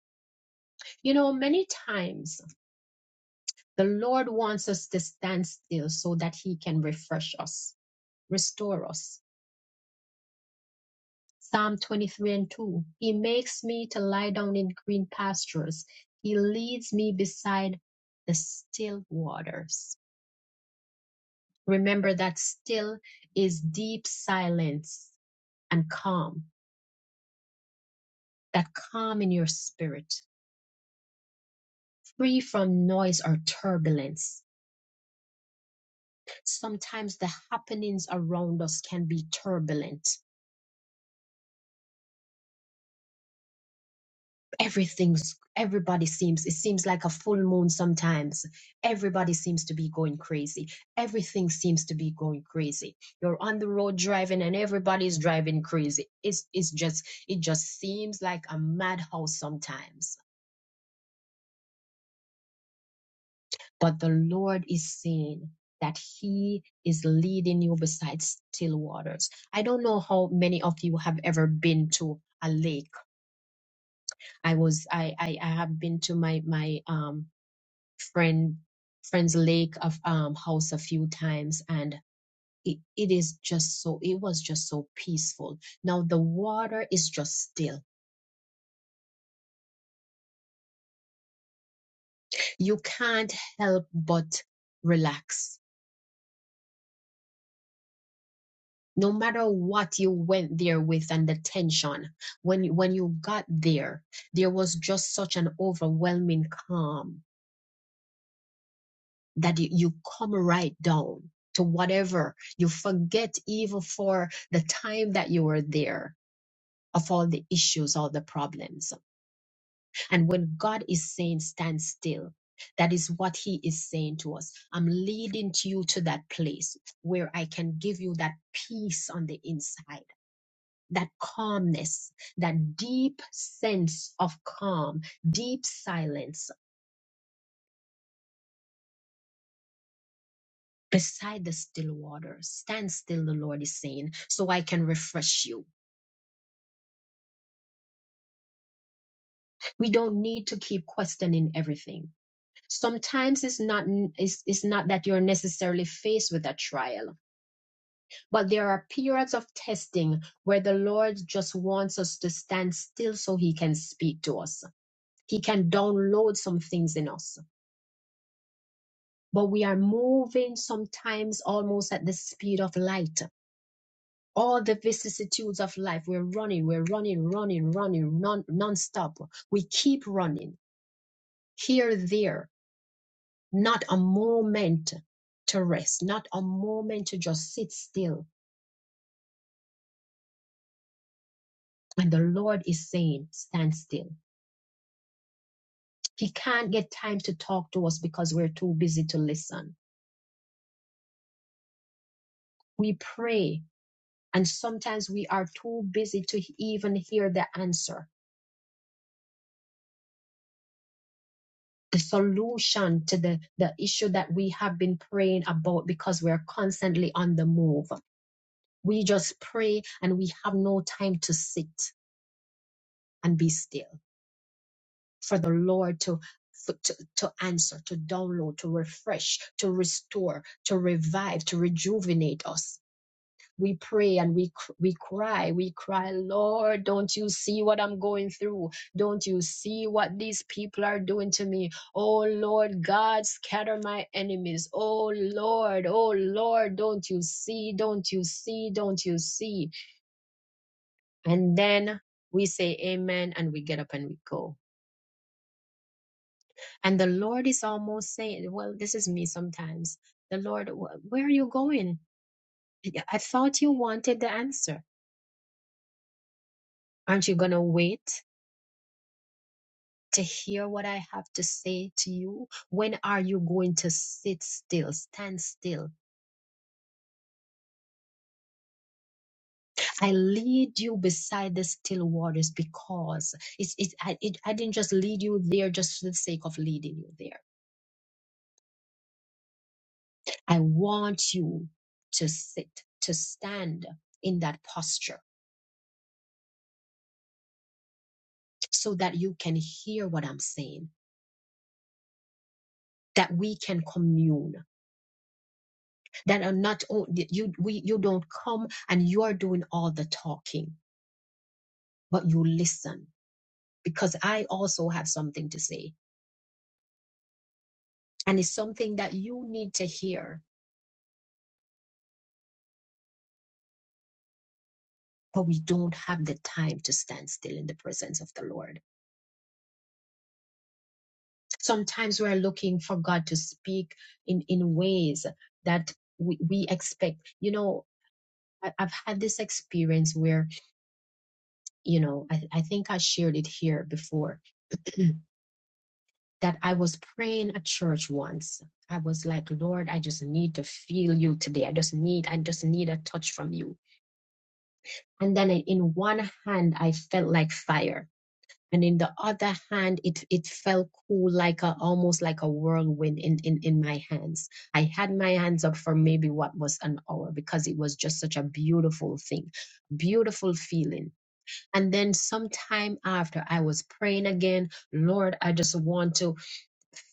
A: You know, many times the Lord wants us to stand still so that he can refresh us, restore us. Psalm 23 and 2. He makes me to lie down in green pastures. He leads me beside the still waters. Remember that still is deep silence and calm, that calm in your spirit, free from noise or turbulence. Sometimes the happenings around us can be turbulent. Everything's everybody seems it seems like a full moon sometimes. Everybody seems to be going crazy. Everything seems to be going crazy. You're on the road driving and everybody's driving crazy. It's it's just it just seems like a madhouse sometimes but the Lord is saying that He is leading you beside still waters. I don't know how many of you have ever been to a lake. I was I I, I have been to my my um friend friend's lake of um house a few times and it, it is just so it was just so peaceful. Now the water is just still. You can't help but relax no matter what you went there with and the tension when you, when you got there there was just such an overwhelming calm that you, you come right down to whatever you forget even for the time that you were there of all the issues all the problems and when god is saying stand still that is what he is saying to us. I'm leading to you to that place where I can give you that peace on the inside that calmness, that deep sense of calm, deep silence beside the still water. Stand still, the Lord is saying, so I can refresh you. We don't need to keep questioning everything. Sometimes it's not it's, it's not that you're necessarily faced with a trial, but there are periods of testing where the Lord just wants us to stand still so he can speak to us. He can download some things in us but we are moving sometimes almost at the speed of light. All the vicissitudes of life, we're running, we're running, running, running, non nonstop. We keep running here, there, not a moment to rest, not a moment to just sit still. And the Lord is saying, stand still. He can't get time to talk to us because we're too busy to listen. We pray, and sometimes we are too busy to even hear the answer the solution to the, the issue that we have been praying about because we're constantly on the move. We just pray and we have no time to sit and be still for the Lord to, for- to, to answer, to download, to refresh, to restore, to revive, to rejuvenate us. we pray and we cr- we cry we cry lord don't you see what i'm going through don't you see what these people are doing to me oh lord god scatter my enemies oh lord oh lord don't you see don't you see don't you see and then we say amen and we get up and we go and the lord is almost saying well this is me sometimes the lord "Wh- where are you going i I thought you wanted the answer aren't you going to wait to hear what I have to say to you? When are you going to sit still, stand still? I lead you beside the still waters because it's, it, I, it, I didn't just lead you there just for the sake of leading you there. I want you to sit, to stand in that posture so that you can hear what I'm saying. That we can commune. That are not only you. We you don't come and you are doing all the talking, but you listen because I also have something to say. And it's something that you need to hear, but we don't have the time to stand still in the presence of the Lord. Sometimes we're looking for God to speak in, in ways that we, we expect. You know, I, I've had this experience where, you know, I, I think I shared it here before that I was praying at church once. I was like, Lord, I just need to feel you today. I just need, I just need a touch from you and then I- in one hand i felt like fire and in the other hand it it felt cool like a almost like a whirlwind in in in my hands i had my hands up for maybe what was an hour because it was just such a beautiful thing beautiful feeling and then sometime after i was praying again lord i just want to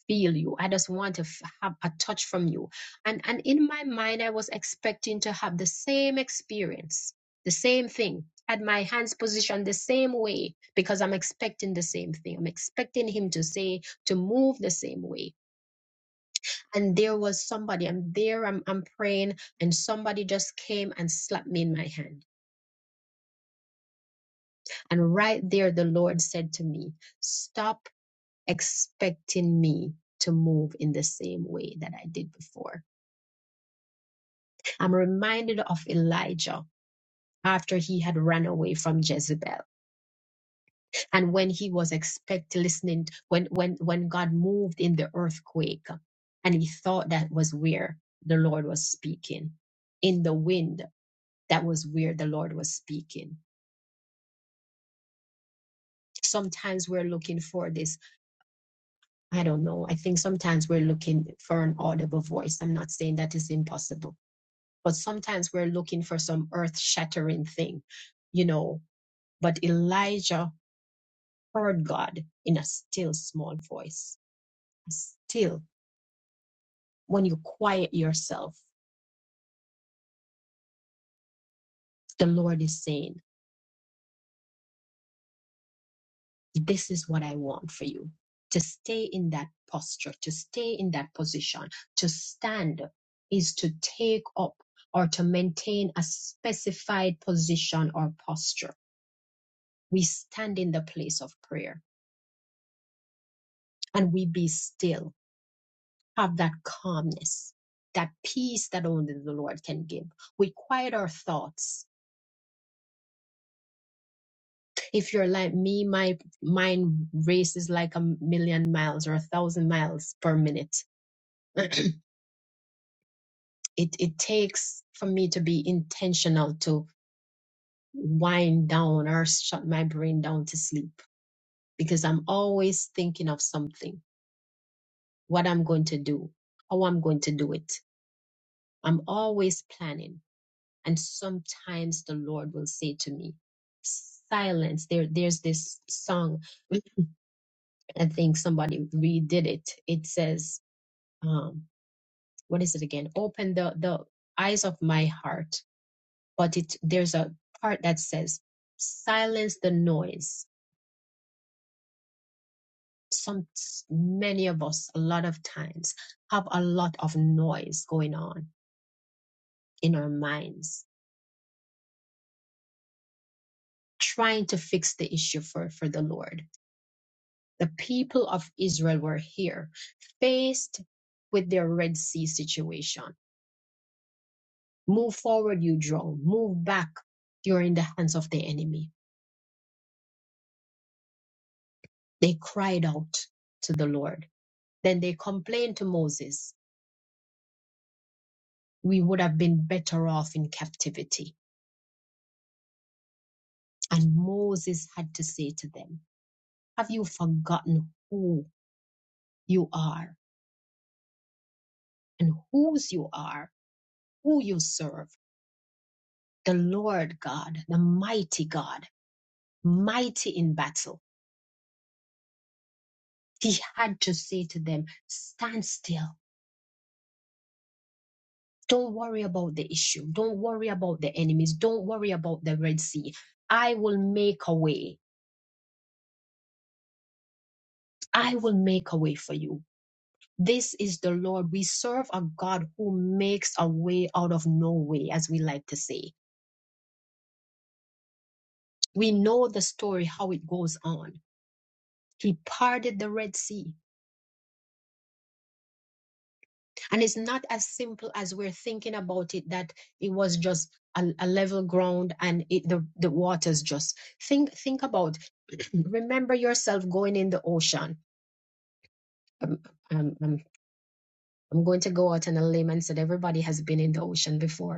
A: feel you i just want to f- have a touch from you and and in my mind i was expecting to have the same experience the same thing had my hands positioned the same way because i'm expecting the same thing i'm expecting him to say to move the same way and there was somebody i'm there i'm, I'm praying and somebody just came and slapped me in my hand and right there the lord said to me stop expecting me to move in the same way that i did before I'm reminded of Elijah after he had run away from Jezebel and when he was expect listening when when when God moved in the earthquake and he thought that was where the Lord was speaking in the wind that was where the Lord was speaking sometimes we're looking for this I don't know I think sometimes we're looking for an audible voice I'm not saying that is impossible but sometimes we're looking for some earth shattering thing you know but Elijah heard God in a still small voice. Still, when you quiet yourself, the Lord is saying, This is what I want for you to stay in that posture, to stay in that position, to stand is to take up or to maintain a specified position or posture. We stand in the place of prayer and we be still, have that calmness, that peace that only the Lord can give. We quiet our thoughts if you're like me, my mind races like a million miles or a thousand miles per minute. it it takes for me to be intentional to wind down or shut my brain down to sleep because I'm always thinking of something, what I'm going to do, how I'm going to do it. I'm always planning. And sometimes the Lord will say to me, silence. There, there's this song. I think somebody redid it. It says, um what is it again open the the eyes of my heart but it there's a part that says silence the noise some many of us a lot of times have a lot of noise going on in our minds trying to fix the issue for for the lord the people of israel were here faced with their red sea situation move forward you drown move back you're in the hands of the enemy They cried out to the Lord. Then they complained to Moses, We would have been better off in captivity. And Moses had to say to them, Have you forgotten who you are and whose you are, who you serve? The Lord God, the mighty God, mighty in battle. He had to say to them, Stand still. Don't worry about the issue. Don't worry about the enemies. Don't worry about the Red Sea. I will make a way I will make a way for you. This is the Lord. We serve a God who makes a way out of no way, as we like to say. We know the story, how it goes on. He parted the Red Sea. And it's not as simple as we're thinking about it that it was just a, a level ground and it, the, the waters just. Think, think about, remember yourself going in the ocean. Um, um, um, I'm going to go out on a limb and said everybody has been in the ocean before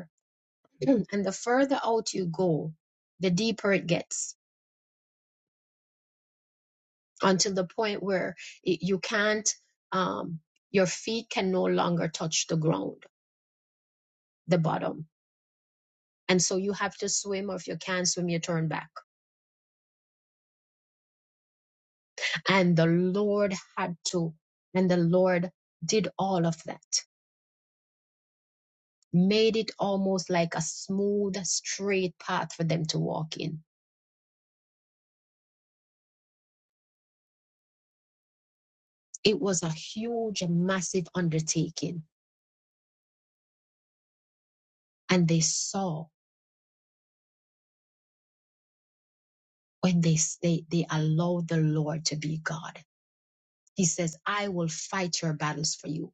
A: and the further out you go, the deeper it gets until the point where it, you can't, um, your feet can no longer touch the ground, the bottom. And so you have to swim, or if you can't swim, you turn back. And the Lord had to, and the Lord did all of that, made it almost like a smooth, straight path for them to walk in. It was a huge, massive undertaking, and they saw when they they they allow the Lord to be God. He says, "I will fight your battles for you.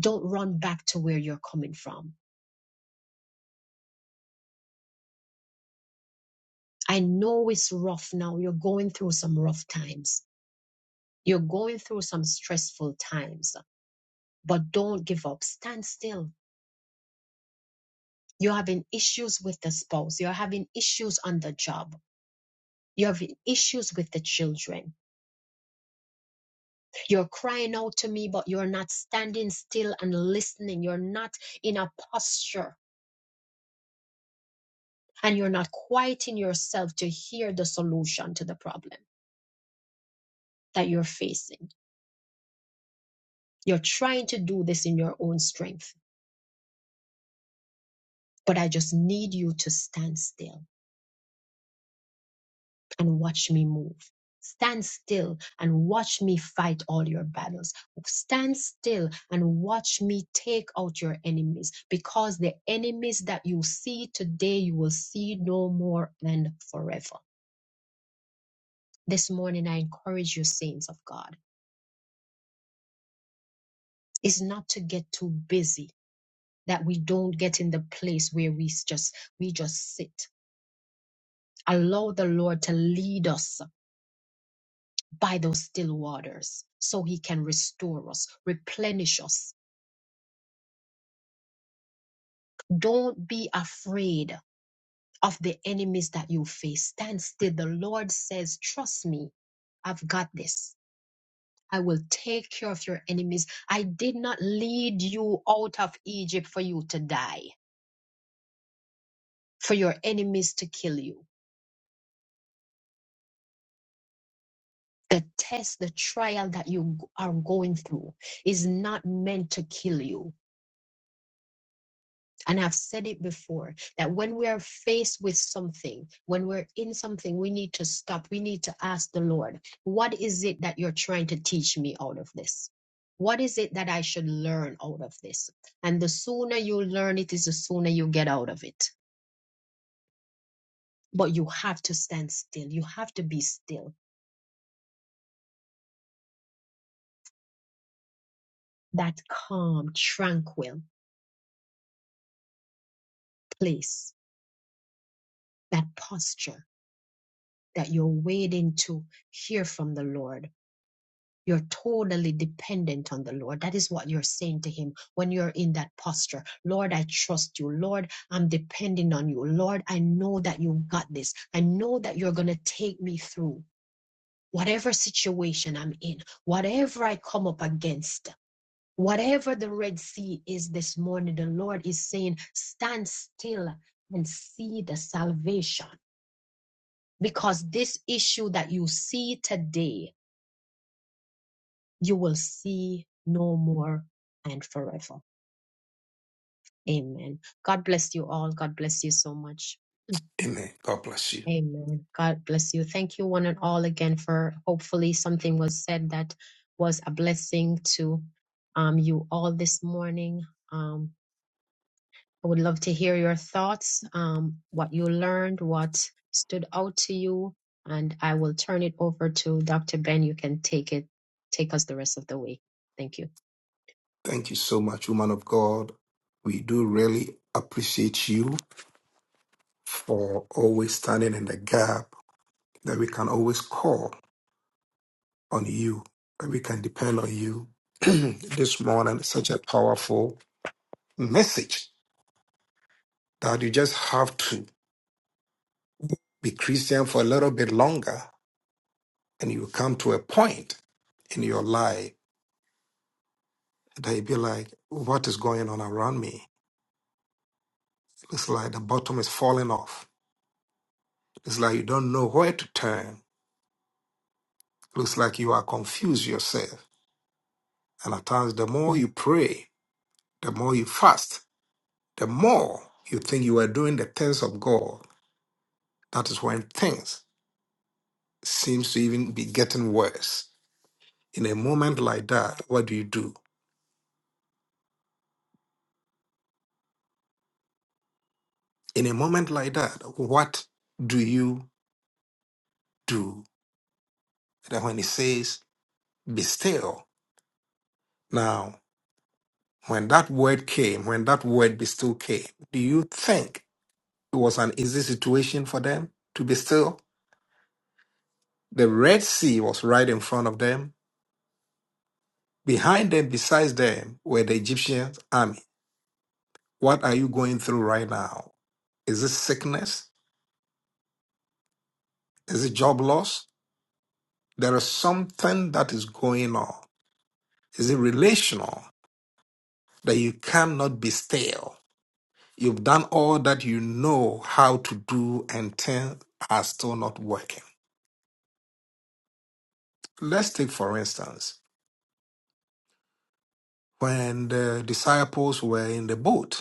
A: Don't run back to where you're coming from. I know it's rough now. You're going through some rough times. You're going through some stressful times, but don't give up. Stand still. You're having issues with the spouse. You're having issues on the job. You're having issues with the children. You're crying out to me, but you're not standing still and listening. You're not in a posture and you're not quieting yourself to hear the solution to the problem that you're facing. You're trying to do this in your own strength, but I just need you to stand still and watch me move. Stand still and watch me fight all your battles. Stand still and watch me take out your enemies because the enemies that you see today, you will see no more and forever. This morning, I encourage you, saints of God, is not to get too busy that we don't get in the place where we just we just sit allow the lord to lead us by those still waters so he can restore us replenish us don't be afraid of the enemies that you face stand still the lord says trust me i've got this I will take care of your enemies. I did not lead you out of Egypt for you to die, for your enemies to kill you. the test, the trial that you are going through is not meant to kill you. And I've said it before that when we are faced with something, when we're in something, we need to stop. We need to ask the Lord, what is it that you're trying to teach me out of this? What is it that I should learn out of this? And the sooner you learn it is the sooner you get out of it. But you have to stand still. You have to be still. That calm, tranquil place, that posture that you're waiting to hear from the Lord. You're totally dependent on the Lord. That is what you're saying to Him when you're in that posture. Lord, I trust you. Lord, I'm depending on you. Lord, I know that you got this. I know that you're going to take me through whatever situation I'm in, whatever I come up against. Whatever the Red Sea is this morning, the Lord is saying, stand still and see the salvation. Because this issue that you see today you will see no more and forever. Amen. God bless you all. God bless you so much.
B: Amen. God bless you.
A: Amen. God bless you. Thank you, one and all, again, for hopefully something was said that was a blessing to um, you all this morning. Um, I would love to hear your thoughts, um, what you learned, what stood out to you, and I will turn it over to Dr. Ben. You can take it, take us the rest of the way. Thank you.
B: Thank you so much, woman of God. We do really appreciate you for always standing in the gap that we can always call on you, that we can depend on you. this morning, such a powerful message that you just have to be Christian for a little bit longer and you come to a point in your life that you be like, what is going on around me? It's like the bottom is falling off. It's like you don't know where to turn. Looks like you are confused yourself. And at times, the more you pray, the more you fast, the more you think you are doing the things of God. That is when things seems to even be getting worse. In a moment like that, what do you do? In a moment like that, what do you do? And when he says, be still. Now, when that word came, when that word be still came, do you think It was an easy situation for them to be still. The Red Sea was right in front of them. Behind them, besides them, were the Egyptian army. What are you going through right now? Is it sickness? Is it job loss? There is something that is going on. Is it relational that you cannot be still? You've done all that you know how to do and things are still not working. Let's take, for instance, when the disciples were in the boat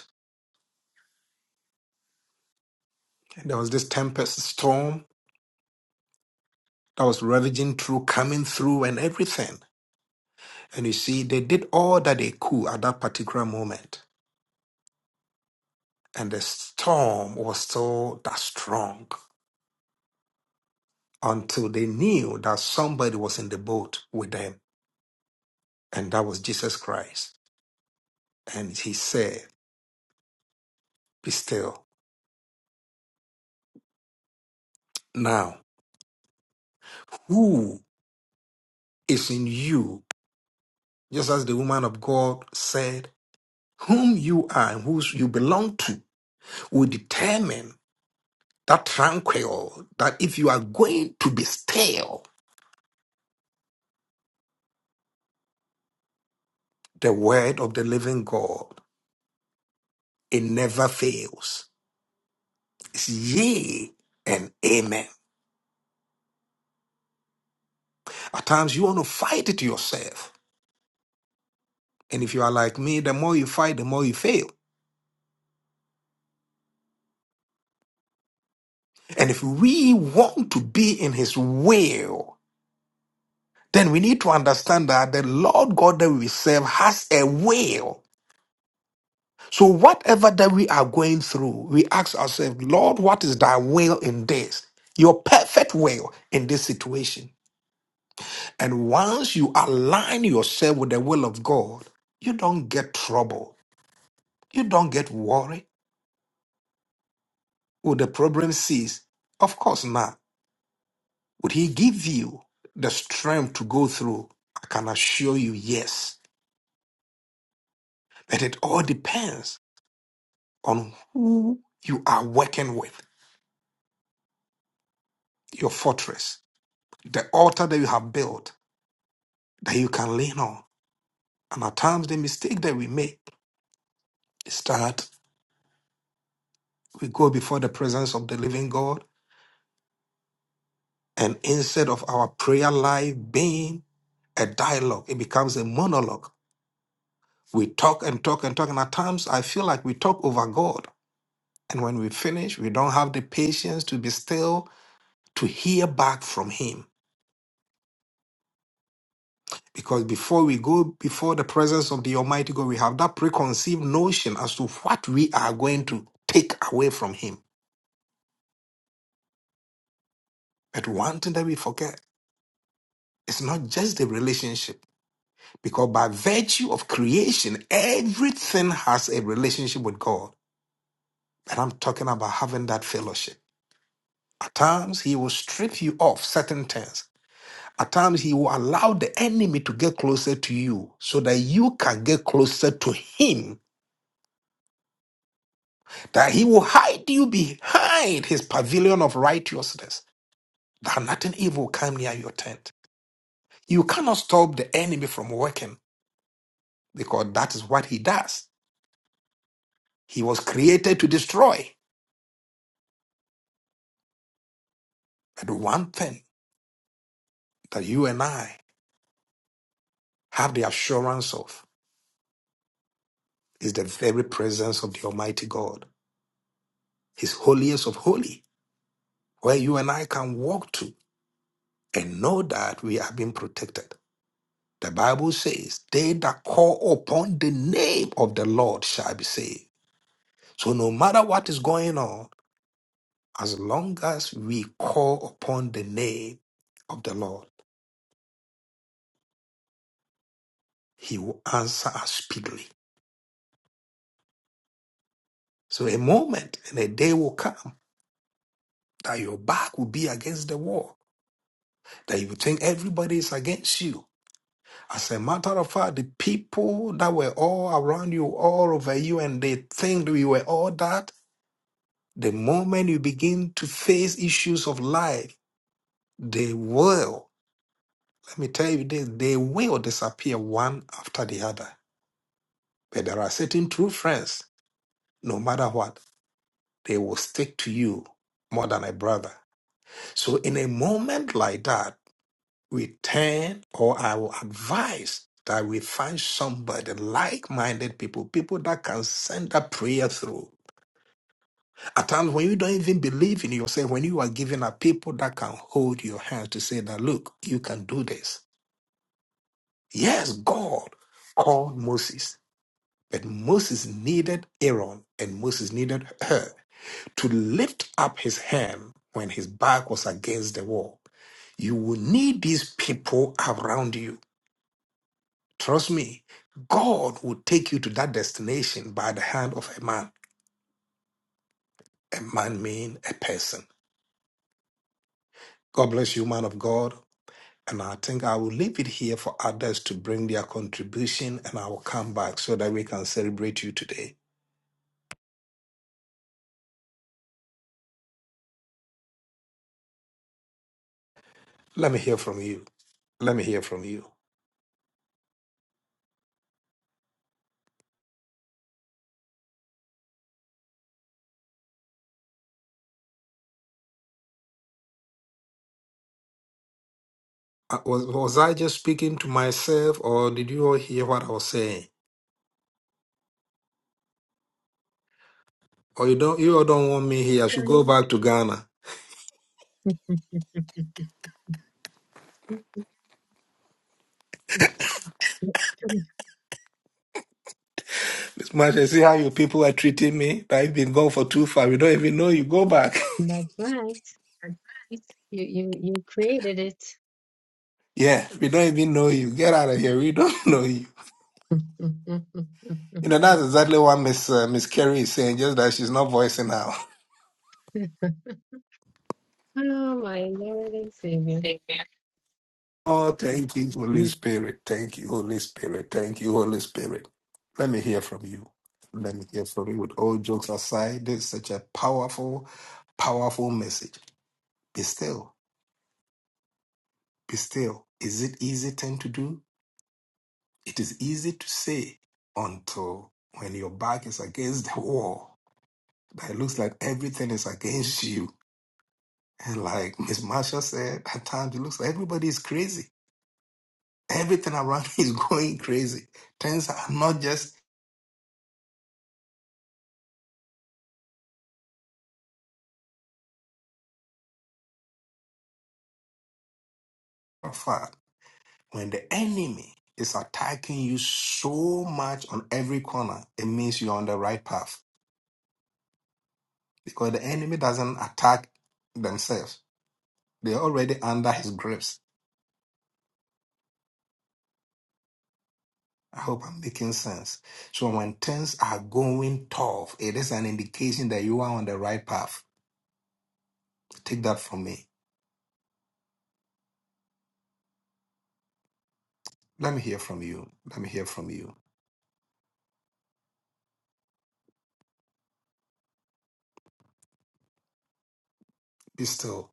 B: And there was this tempest storm that was ravaging through, coming through, and everything. And you see, they did all that they could at that particular moment. And the storm was still that strong until they knew that somebody was in the boat with them. And that was Jesus Christ. And he said, Be still. Now, who is in you? Just as the woman of God said, Whom you are and whose you belong to will determine that tranquil, that if you are going to be still, the word of the living God, it never fails. It's yea and amen. At times you want to fight it yourself. And if you are like me, the more you fight, the more you fail. And if we want to be in his will, then we need to understand that the Lord God that we serve has a will So, whatever that we are going through, we ask ourselves, Lord, what is thy will in this? Your perfect will in this situation. And once you align yourself with the will of God, you don't get trouble. You don't get worried. Will the problem cease? Of course not. Would He give you the strength to go through? I can assure you, yes. But it all depends on who you are working with, your fortress, the altar that you have built that you can lean on. And at times, the mistake that we make is that we go before the presence of the living God, and instead of our prayer life being a dialogue, it becomes a monologue. We talk and talk and talk, and at times, I feel like we talk over God. And when we finish, we don't have the patience to be still to hear back from Him. Because before we go before the presence of the Almighty God, we have that preconceived notion as to what we are going to take away from Him. But one thing that we forget It's not just the relationship, because by virtue of creation, everything has a relationship with God. But I'm talking about having that fellowship. At times, He will strip you off certain things. At times, He will allow the enemy to get closer to you so that you can get closer to Him, that He will hide you behind His pavilion of righteousness, that nothing evil will come near your tent. You cannot stop the enemy from working because that is what He does. He was created to destroy. But one thing that you and I have the assurance of is the very presence of the Almighty God, His holiest of holy, where you and I can walk to and know that we are being protected. The Bible says, They that call upon the name of the Lord shall be saved. So no matter what is going on, as long as we call upon the name of the Lord, He will answer us speedily. So a moment and a day will come that your back will be against the wall, that you think everybody is against you. As a matter of fact, the people that were all around you, all over you, and they think that you were all that, the moment you begin to face issues of life, they will, let me tell you this, they will disappear one after the other. But there are certain true friends, no matter what, they will stick to you more than a brother. So in a moment like that, We turn, or I will advise that we find somebody like minded people, people that can send that prayer through. At times when you don't even believe in yourself, when you are giving up people that can hold your hand to say that, look, you can do this. Yes, God called Moses, but Moses needed Aaron and Moses needed her to lift up his hand when his back was against the wall. You will need these people around you Trust me, God will take you to that destination by the hand of a man. A man mean a person. God bless you, man of God. And I think I will leave it here for others to bring their contribution and I will come back so that we can celebrate you today. Let me hear from you. Let me hear from you. Uh, Was, was I just speaking to myself or did you all hear what I was saying? Or you don't you all don't want me here. I should
A: Hear
B: go back to Ghana. Miss Marsha, see how you people are treating me? I've been gone for too far. We don't even know you. Go back.
A: That's right. You you you created it.
B: Yeah, we don't even know you. Get out of here. We don't know you. You know, that's exactly what Miss uh, Miss Carrie is saying, just that she's not voicing out.
A: Oh my Lord and Savior.
B: Amen. Oh, thank you, Holy Spirit. Thank you, Holy Spirit. Thank you, Holy Spirit. Let me hear from you. Let me hear from you. With all jokes aside, this is such a powerful, powerful message. Be still. Be still. Is it easy thing to do? It is easy to say until when your back is against the wall But it looks like everything is against you. And like Miss Marsha said, at times it looks like everybody is crazy. Everything around is going crazy. Things are not just far. When the enemy is attacking you so much on every corner, it means you're on the right path. Because the enemy doesn't attack themselves. They're already under his grips. I hope I'm making sense. So when things are going tough, it is an indication that you are on the right path. Take that from me. Let me hear from you. Let me hear from you. Be still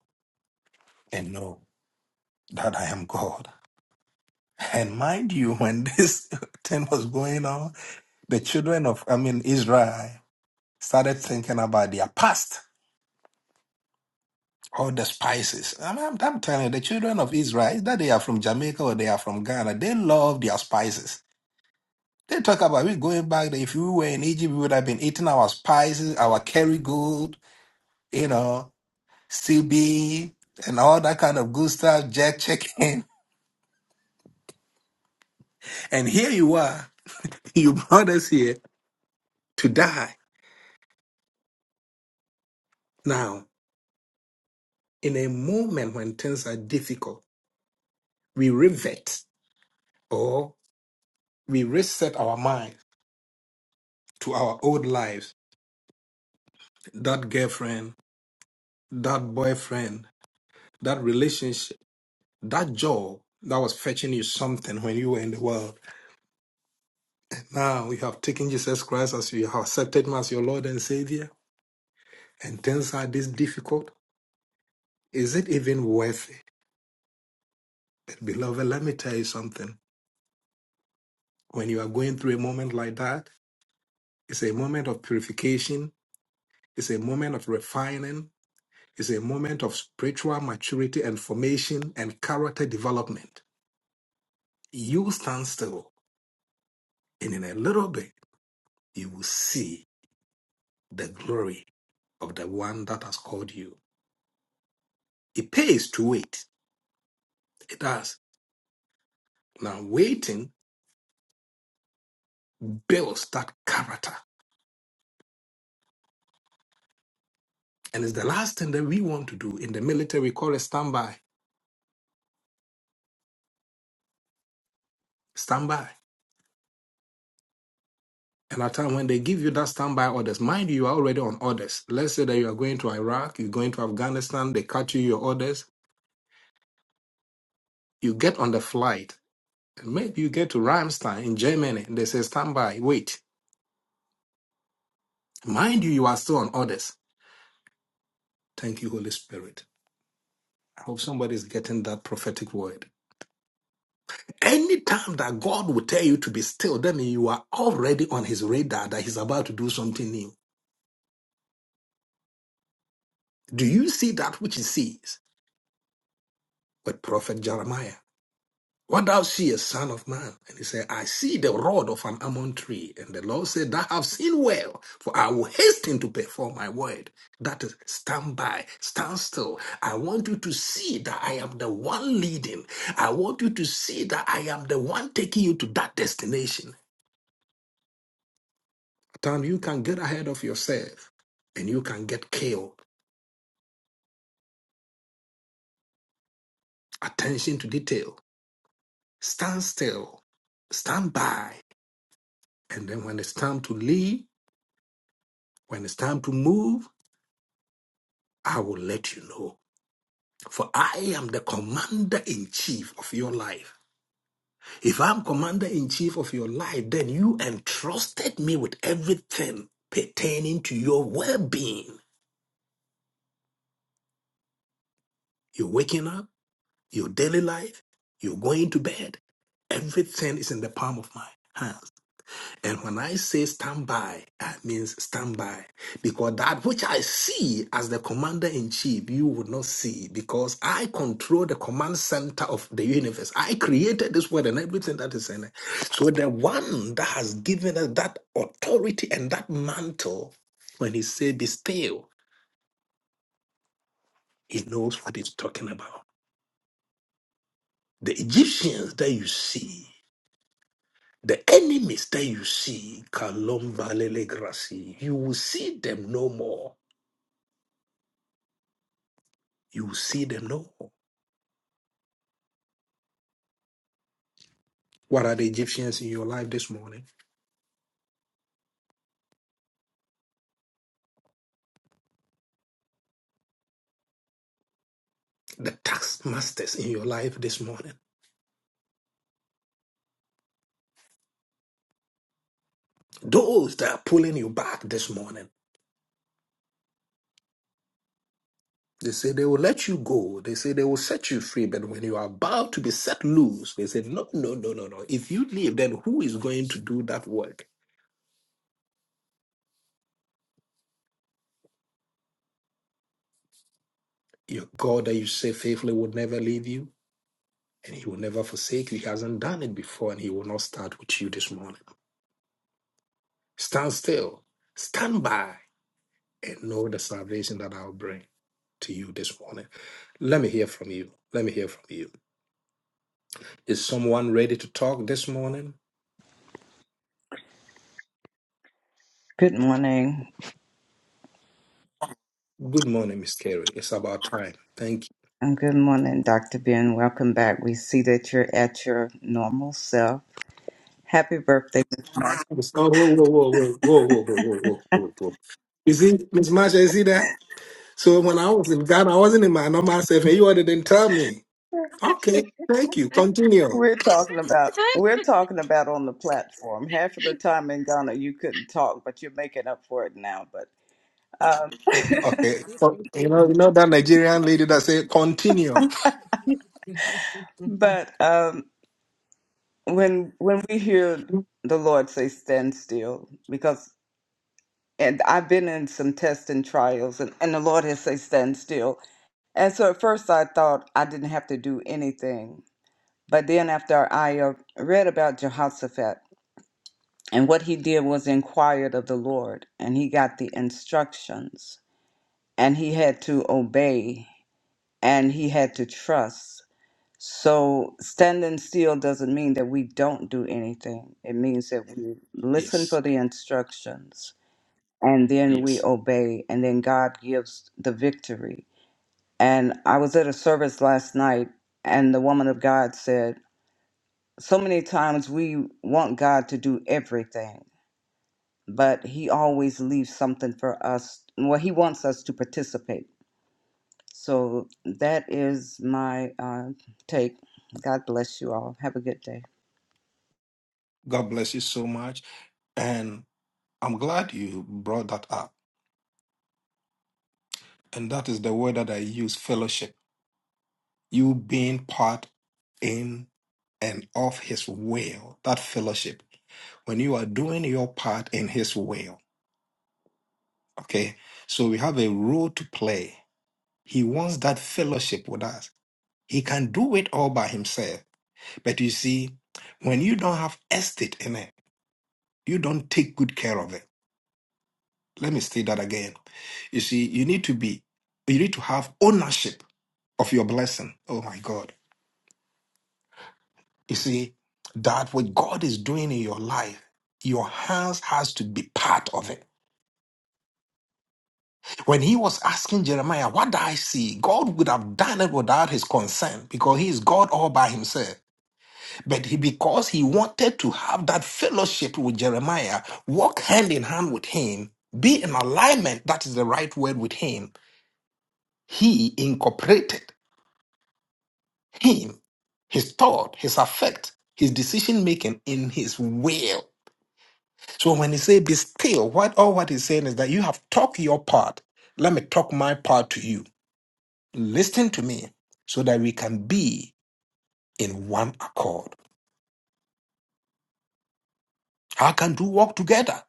B: and know that I am God. And mind you, when this thing was going on, the children of, I mean, Israel started thinking about their past, all the spices. I'm, I'm, I'm telling you, the children of Israel, that they are from Jamaica or they are from Ghana, they love their spices. They talk about we going back that if we were in Egypt, we would have been eating our spices, our Kerrygold, you know, CB, and all that kind of good stuff, jack chicken. And here you are. You brought us here to die. Now, in a moment when things are difficult, we revert or we reset our mind to our old lives. That girlfriend, that boyfriend, that relationship, that job that was fetching you something when you were in the world. And now you have taken Jesus Christ as you have accepted him as your Lord and Savior, and things are this difficult. Is it even worth it? Beloved, let me tell you something. When you are going through a moment like that, it's a moment of purification, it's a moment of refining, it's a moment of spiritual maturity and formation and character development. You stand still, and in a little bit, you will see the glory of the one that has called you. It pays to wait. It does. Now, waiting builds that character. And it's the last thing that we want to do in the military. We call it standby. Standby. And at time when they give you that standby orders, mind you, you are already on orders. Let's say that you are going to Iraq, you're going to Afghanistan, they cut you your orders. You get on the flight. Maybe you get to Ramstein in Germany and they say standby, wait. Mind you, you are still on orders. Thank you, Holy Spirit. I hope somebody is getting that prophetic word. Anytime that God will tell you to be still, that means you are already on his radar that he's about to do something new. Do you see that which he sees with Prophet Jeremiah? What thou seest, son of man? And he said, I see the rod of an almond tree. And the Lord said, Thou have seen well, for I will hasten to perform my word. That is, stand by, stand still. I want you to see that I am the one leading. I want you to see that I am the one taking you to that destination. At times you can get ahead of yourself and you can get killed. Attention to detail. Stand still, stand by. And then when it's time to leave, when it's time to move, I will let you know. For I am the commander in chief of your life. If I'm commander in chief of your life, then you entrusted me with everything pertaining to your well being. You're waking up, your daily life, you're going to bed. Everything is in the palm of my hand. And when I say stand by, I means stand by. Because that which I see as the commander in chief, you would not see. Because I control the command center of the universe. I created this world and everything that is in it. So the one that has given us that authority and that mantle, when he said be still, he knows what he's talking about. The Egyptians that you see, the enemies that you see, Kalom Valele Grassi, you will see them no more. you will see them no What are the Egyptians in your life this morning? The tax masters in your life this morning. Those that are pulling you back this morning. They say they will let you go. They say they will set you free. But when you are about to be set loose, they say, no, no, no, no, no. If you leave, then who is going to do that work? Your God that you say faithfully will never leave you and he will never forsake you. He hasn't done it before and he will not start with you this morning. Stand still, stand by, and know the salvation that I'll bring. to you this morning. Let me hear from you. Let me hear from you. Is someone ready to talk this morning?
D: Good morning,
B: Good morning, Miss Carey. It's about time. Thank you.
D: and good morning, Dr. Ben. Welcome back. We see that you're at your normal self. Happy birthday.
B: Oh, whoa, whoa, whoa, whoa, whoa, whoa, whoa, whoa, whoa, whoa. whoa. You see, Miss Marsha, you see that? So when I was in Ghana, I wasn't in my normal self, and you all didn't tell me. Okay, thank you. Continue.
D: We're talking about we're talking about on the platform. Half of the time in Ghana you couldn't talk, but you're making up for it now. But um
B: Okay. So, you know, you know that Nigerian lady that said continue.
D: but um when when we hear the Lord say stand still, because and I've been in some tests and trials and, and the Lord has said stand still. And so at first I thought I didn't have to do anything But then, after I uh, read about Jehoshaphat and what he did was inquired of the Lord, and he got the instructions, and he had to obey, and he had to trust. So, standing still doesn't mean that we don't do anything. It means that we listen for
B: Yes.
D: the instructions and then we
B: Yes.
D: obey, and then God gives the victory. And I was at a service last night, and the woman of God said, so many times we want God to do everything, but He always leaves something for us. Well, He wants us to participate. So that is my uh, take. God bless you all. Have a good day.
B: God bless you so much. And I'm glad you brought that up And that is the word that I use fellowship. You being part in and of His will, that fellowship. When you are doing your part in His will, okay? So we have a role to play. He wants that fellowship with us. He can do it all by Himself. But you see, when you don't have estate in it, you don't take good care of it. Let me say that again. You see, you need to be, you need to have ownership of your blessing. Oh my God. You see, that what God is doing in your life, your hands has to be part of it. When he was asking Jeremiah, what do I see? God would have done it without his consent because he is God all by himself. But he, because he wanted to have that fellowship with Jeremiah, walk hand in hand with him, be in alignment, that is the right word with him, he incorporated him, his thought, his affect, his decision making in his will. So when he say be still, what all what he's saying is that you have talked your part. Let me talk my part to you. Listen to me so that we can be in one accord. How can two walk together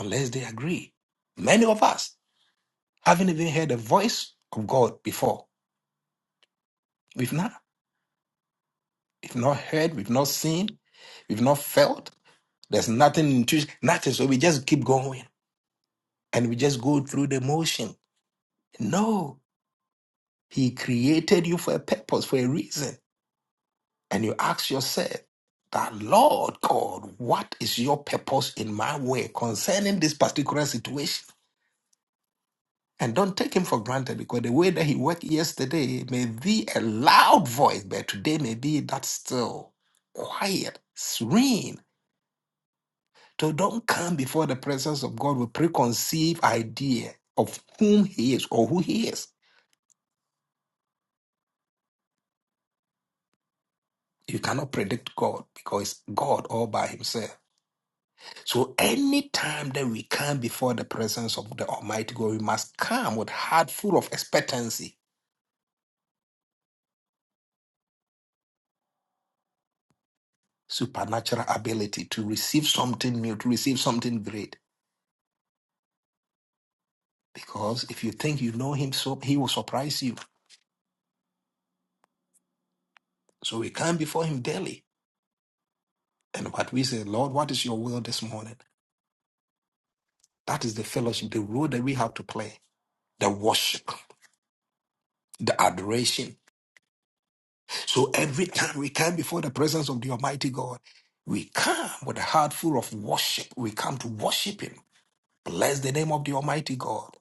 B: unless they agree? Many of us haven't even heard the voice of God before. We've not, we've not heard, we've not seen, we've not felt. There's nothing intuition, nothing. So we just keep going and we just go through the motion. No, he created you for a purpose, for a reason. and you ask yourself that Lord God, what is your purpose in my way concerning this particular situation? And don't take him for granted because the way that he worked yesterday may be a loud voice, but today may be that still, quiet, serene. So don't come before the presence of God with preconceived idea of whom he is or who he is. You cannot predict God because it's God all by himself. So anytime that we come before the presence of the Almighty God, we must come with heart full of expectancy, supernatural ability to receive something new, to receive something great. Because if you think you know him, so he will surprise you. So we come before him daily. And what we say, Lord, what is your will this morning? That is the fellowship, the role that we have to play, the worship, the adoration, So every time we come before the presence of the Almighty God, we come with a heart full of worship. We come to worship Him. Bless the name of the Almighty God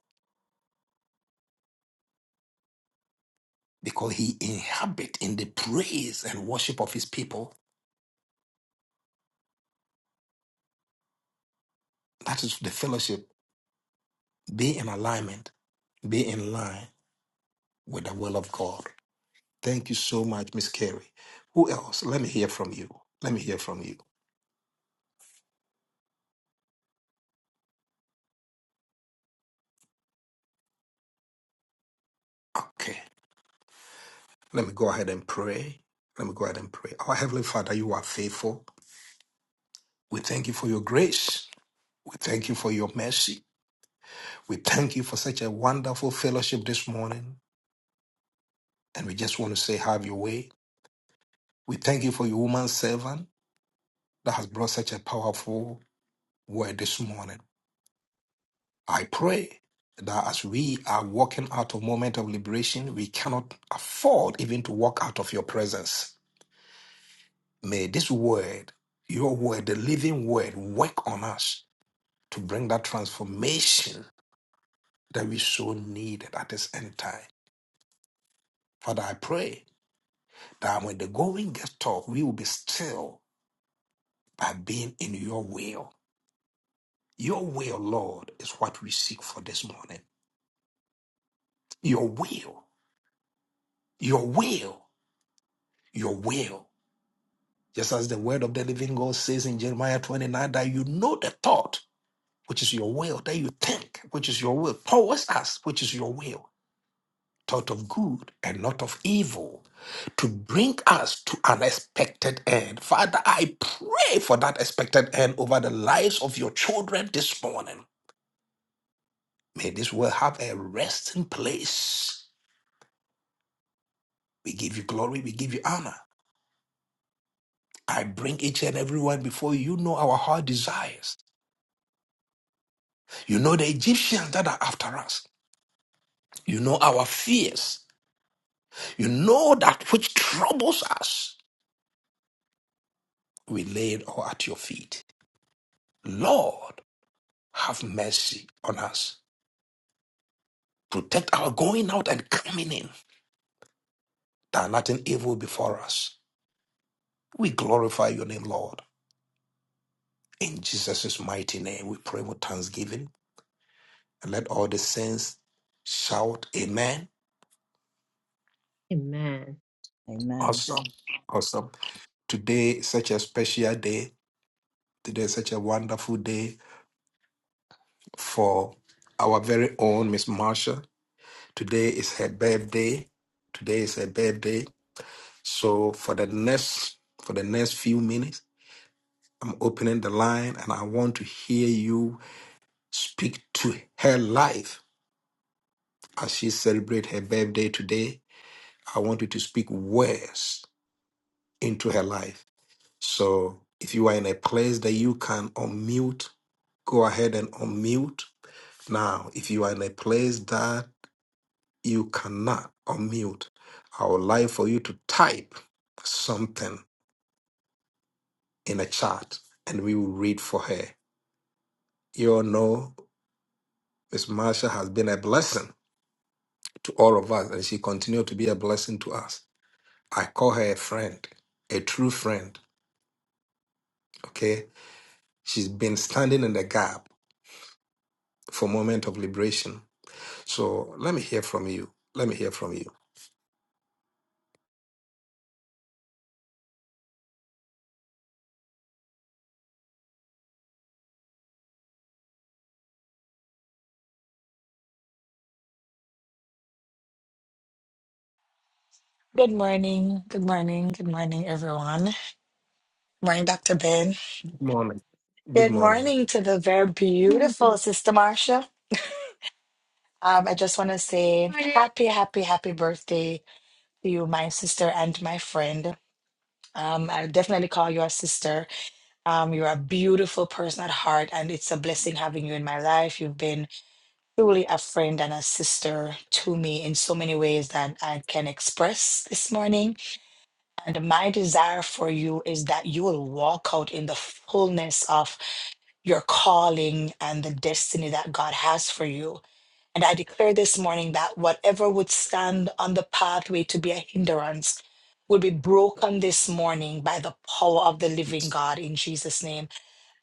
B: because He inhabits in the praise and worship of His people. That is the fellowship. Be in alignment, be in line with the will of God. Thank you so much, Miss Carey. Who else? Let me hear from you. Let me hear from you. Okay. Let me go ahead and pray. Let me go ahead and pray. Our Heavenly Father, you are faithful. We thank you for your grace. We thank you for your mercy. We thank you for such a wonderful fellowship this morning. And we just want to say, have your way. We thank you for your woman servant that has brought such a powerful word this morning. I pray that as we are walking out of moment of liberation, we cannot afford even to walk out of your presence. May this word, your word, the living word, work on us to bring that transformation that we so needed at this end time. Father, I pray that when the going gets tough, we will be still by being in your will. Your will, Lord, is what we seek for this morning. Your will, your will, your will. Just as the word of the living God says in Jeremiah 29 that you know the thought, which is your will, that you think, which is your will, towards us, which is your will. thought of good and not of evil to bring us to an expected end. Father, I pray for that expected end over the lives of your children this morning. May this world have a resting place. We give you glory, we give you honor. I bring each and everyone before you. You know our heart desires. You know the Egyptians that are after us. You know our fears. You know that which troubles us. We lay it all at your feet. Lord, Have mercy on us. Protect our going out and coming in, that nothing evil before us. We glorify your name, Lord. In Jesus' mighty name, we pray with thanksgiving. And let all the saints shout, Amen.
A: Amen.
D: Amen.
B: Awesome. Awesome. Today is such a special day. Today is such a wonderful day for our very own Miss Marsha. Today is her birthday. Today is her birthday. So for the next for the next few minutes, I'm opening the line and I want to hear you speak to her life as she celebrates her birthday today. I want you to speak words into her life. So if you are in a place that you can unmute, go ahead and unmute. Now, if you are in a place that you cannot unmute, I would like for you to type something in a chat and we will read for her. You all know Miss Marsha has been a blessing to all of us, and she continued to be a blessing to us. I call her a friend, a true friend. Okay, she's been standing in the gap for moment of liberation. So let me hear from you. Let me hear from you.
E: Good morning, good morning, good morning, everyone. Morning, Dr. Ben.
B: Good morning. Good
E: Good
B: morning.
E: morning to the very beautiful Sister Marcia. Um, I just want to say
A: Morning.
E: happy, happy, happy birthday to you, my sister and my friend. Um, I definitely call you a sister. Um, you're a beautiful person at heart, and it's a blessing having you in my life. You've been truly a friend and a sister to me in so many ways that I can express this morning. And my desire for you is that you will walk out in the fullness of your calling and the destiny that God has for you. And I declare this morning that whatever would stand on the pathway to be a hindrance will be broken this morning by the power of the living
B: Yes.
E: God in Jesus' name.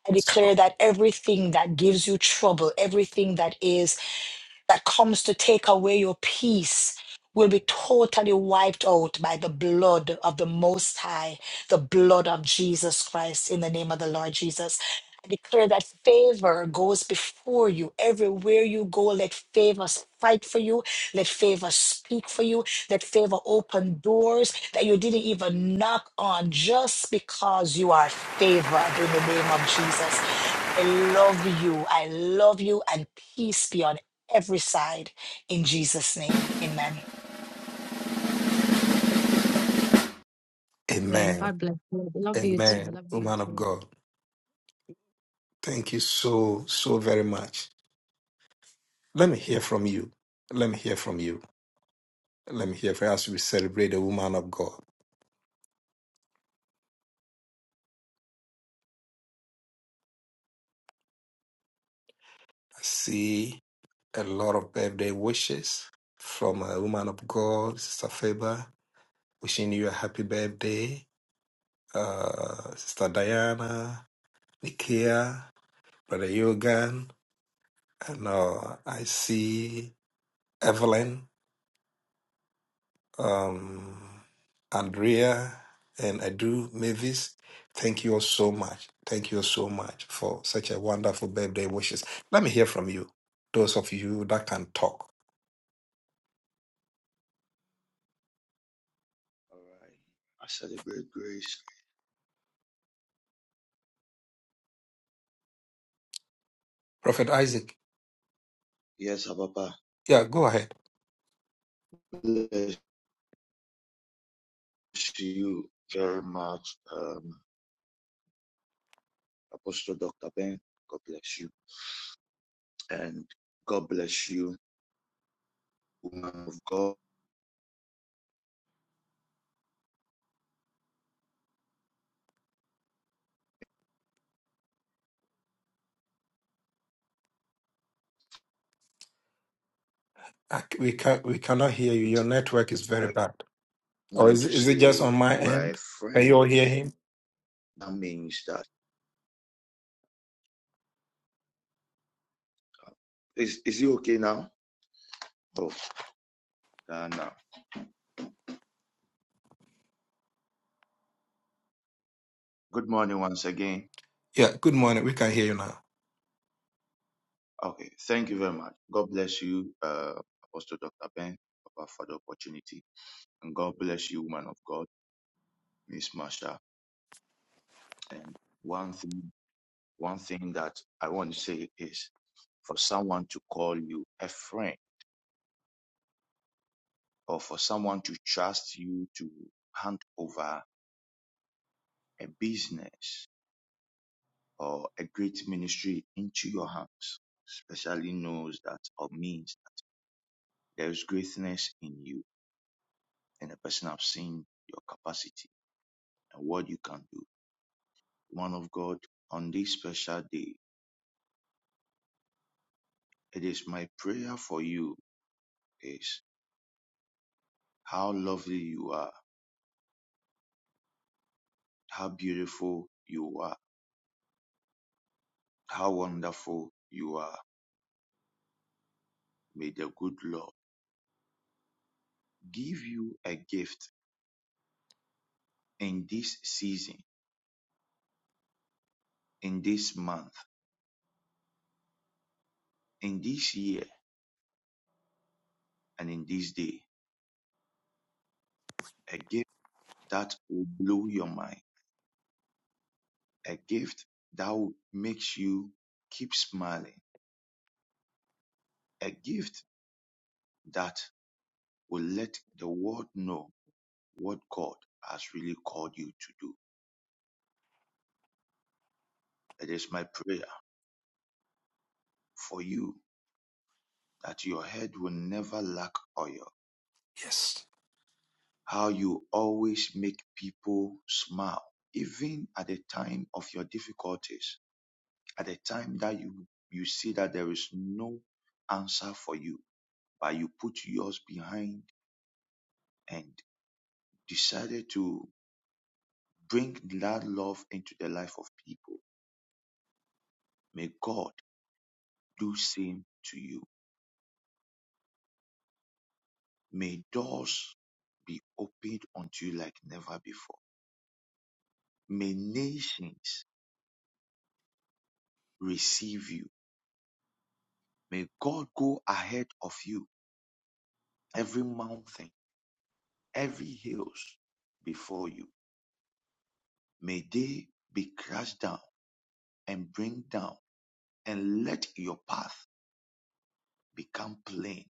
E: I
B: Yes.
E: declare
B: Lord.
E: that everything that gives you trouble, everything that is that comes to take away your peace will be totally wiped out by the blood of the Most High, the blood of Jesus Christ, in the name of the Lord Jesus. I declare that favor goes before you. Everywhere you go, let favor fight for you. Let favor speak for you. Let favor open doors that you didn't even knock on just because you are favored in the name of Jesus. I love you. I love you. And peace be on every side in Jesus' name. Amen.
A: Man,
B: Amen.
A: God bless you. Love you too.
B: Amen.
A: Love you
B: Woman of
A: too.
B: God, thank you so, so very much. Let me hear from you. Let me hear from you. Let me hear from you as we celebrate the woman of God. I see. a lot of birthday wishes from a woman of God, Sister Faber, wishing you a happy birthday. Uh, Sister Diana, Nikia, Brother Yogan, and uh, I see Evelyn, um, Andrea, and Adu Mavis. Thank you all so much. Thank you all so much for such a wonderful birthday wishes. Let me hear from you, those of you that can talk.
F: All right. I celebrate grace.
B: Prophet Isaac,
F: Yes, Papa.
B: yeah, go ahead.
F: Bless you very much, um, Apostle Dr. Ben. God bless you. And God bless you, woman of God.
B: I c- we can we cannot hear you. Your network is very
F: I
B: bad. Or
F: want
B: is
F: to
B: is it just
F: say
B: on my
F: you are a
B: end? Can
F: friend.
B: you all hear him?
F: That means that. Is, is it okay now? Oh, Ghana. Good morning once again.
B: Yeah. Good morning. We can hear you now.
F: Okay. Thank you very much. God bless you, uh, Apostle Dr. Ben, Papa, for the opportunity. And God bless you, woman of God, Miss Marsha. And one thing, one thing that I want to say is for someone to call you a friend or for someone to trust you to hand over a business or a great ministry into your hands, especially knows that or means that there is greatness in you and the person have seen your capacity and what you can do. Man of God, on this special day, it is my prayer for you is how lovely you are How beautiful you are. How wonderful you are. May the good Lord give you a gift in this season, in this month, in this year, and in this day. A gift that will blow your mind. A gift that will makes you keep smiling. A gift that will let the world know what God has really called you to do. It is my prayer for you that your head will never lack oil
B: Yes.
F: how you always make people smile, even at the time of your difficulties, at the time that you, you see that there is no answer for you, but you put yours behind and decided to bring that love into the life of people. May God do same to you. May doors be opened unto you like never before. May nations receive you. May God go ahead of you every mountain, every hills before you. May they be crushed down and bring down, and let your path become plain.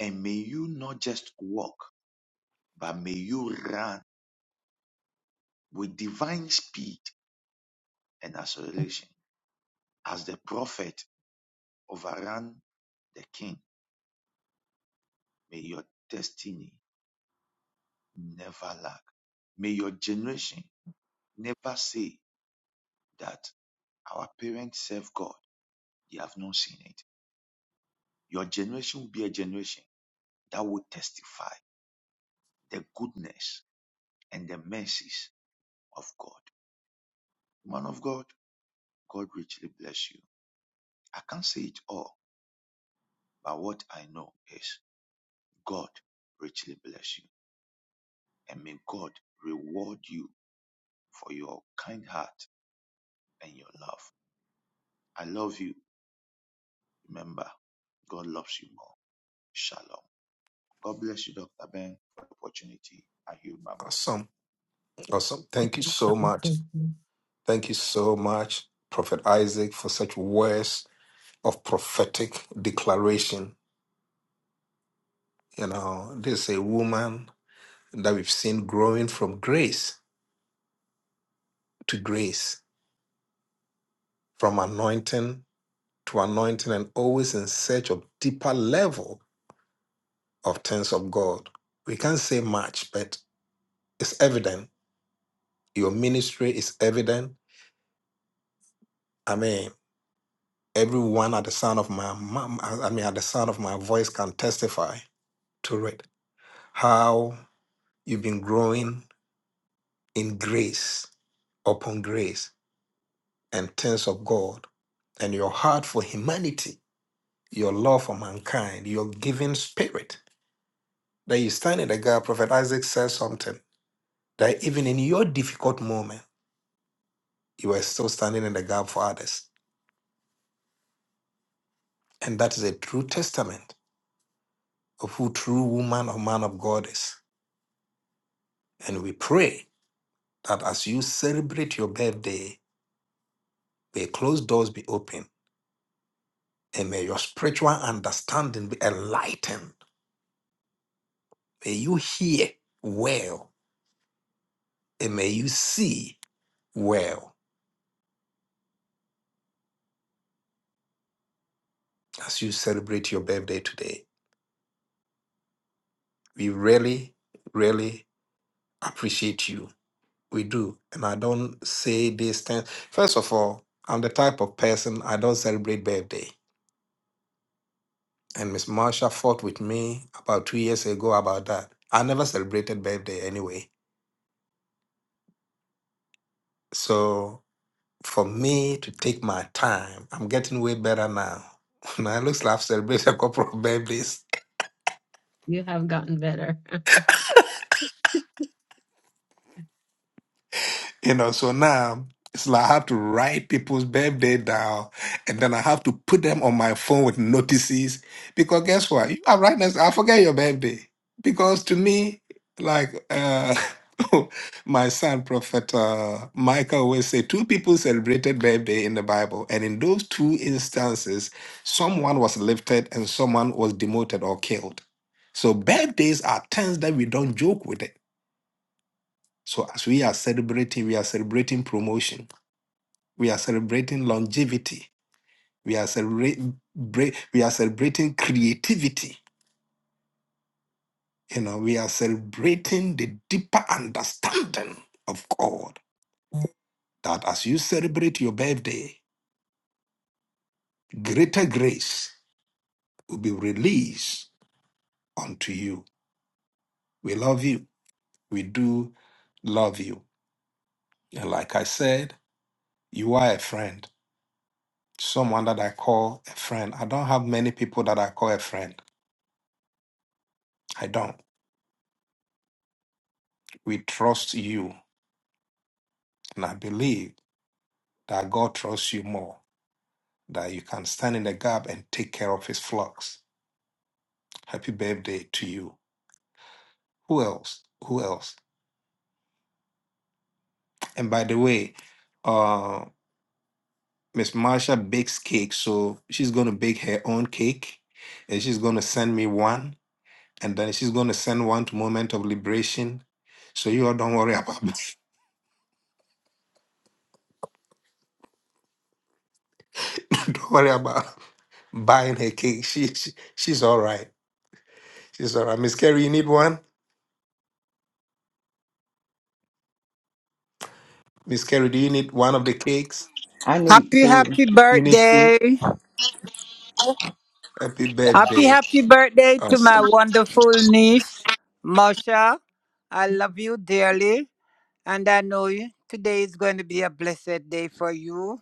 F: And may you not just walk, but may you run with divine speed and acceleration. As the prophet overran the king, may your destiny never lack. May your generation never say that our parents serve God. They have not seen it Your generation will be a generation that will testify the goodness and the mercies of God. Man of God, God richly bless you. I can't say it all, but what I know is God richly bless you. And may God reward you for your kind heart and your love. I love you. Remember, God loves you more. Shalom. God bless you, Dr. Ben, for the opportunity. I hear my mic.
B: Awesome. Awesome.
A: Thank
B: Thank you
A: you
B: so much. Thank you so much, Prophet Isaac, for such words of prophetic declaration. You know, this is a woman that we've seen growing from grace to grace, from anointing to anointing, and always in search of deeper level of things of God. We can't say much, but it's evident. Your ministry is evident. I mean, everyone at the sound of my, my I mean, at the sound of my voice can testify to it. How you've been growing in grace upon grace and things of God, and your heart for humanity, your love for mankind, your giving spirit. That you stand in the gap. Prophet Isaac says something that even in your difficult moment you are still standing in the gap for others. And that is a true testament of who true woman or man of God is. And we pray that as you celebrate your birthday, may closed doors be open and may your spiritual understanding be enlightened. May you hear well and may you see well as you celebrate your birthday today. We really, really appreciate you we do. And I don't say these things. First of all, I'm the type of person I don't celebrate birthday. And Miss Marsha fought with me about two years ago about that. I never celebrated birthday anyway. So for me to take my time, I'm getting way better now. Now it looks like I've celebrated a couple of birthdays.
A: You have gotten better.
B: You know, so now it's like I have to write people's birthday down and then I have to put them on my phone with notices. Because guess what? You are right next I forget your birthday. Because to me, like uh my son, Prophet uh, Michael, always say two people celebrated birthday in the Bible, and in those two instances, someone was lifted and someone was demoted or killed. So birthdays are times that we don't joke with it so as we are celebrating, we are celebrating promotion. We are celebrating longevity. We are celebrating we are celebrating creativity. You know, we are celebrating the deeper understanding of God. That as you celebrate your birthday, greater grace will be released unto you. We love you. We do love you. And like I said, you are a friend, someone that I call a friend. I don't have many people that I call a friend I don't. We trust you. And I believe that God trusts you more, that you can stand in the gap and take care of his flocks. Happy birthday to you. Who else? Who else? And by the way, uh, Miss Marsha bakes cake, so she's going to bake her own cake and she's going to send me one. And then she's going to send one to Moment of Liberation. So you all don't worry about don't worry about buying her cake. She, she she's all right. She's all right. Miss Carrie, you need one? Miss Carrie, do you need one of the cakes?
D: I need
G: Happy,
D: to.
G: happy
B: You need two?
G: birthday.
B: Happy
G: Happy,
B: birthday.
G: happy birthday to my
B: Awesome.
G: wonderful niece, Marsha. I love you dearly, and I know you. today is going to be a blessed day for you.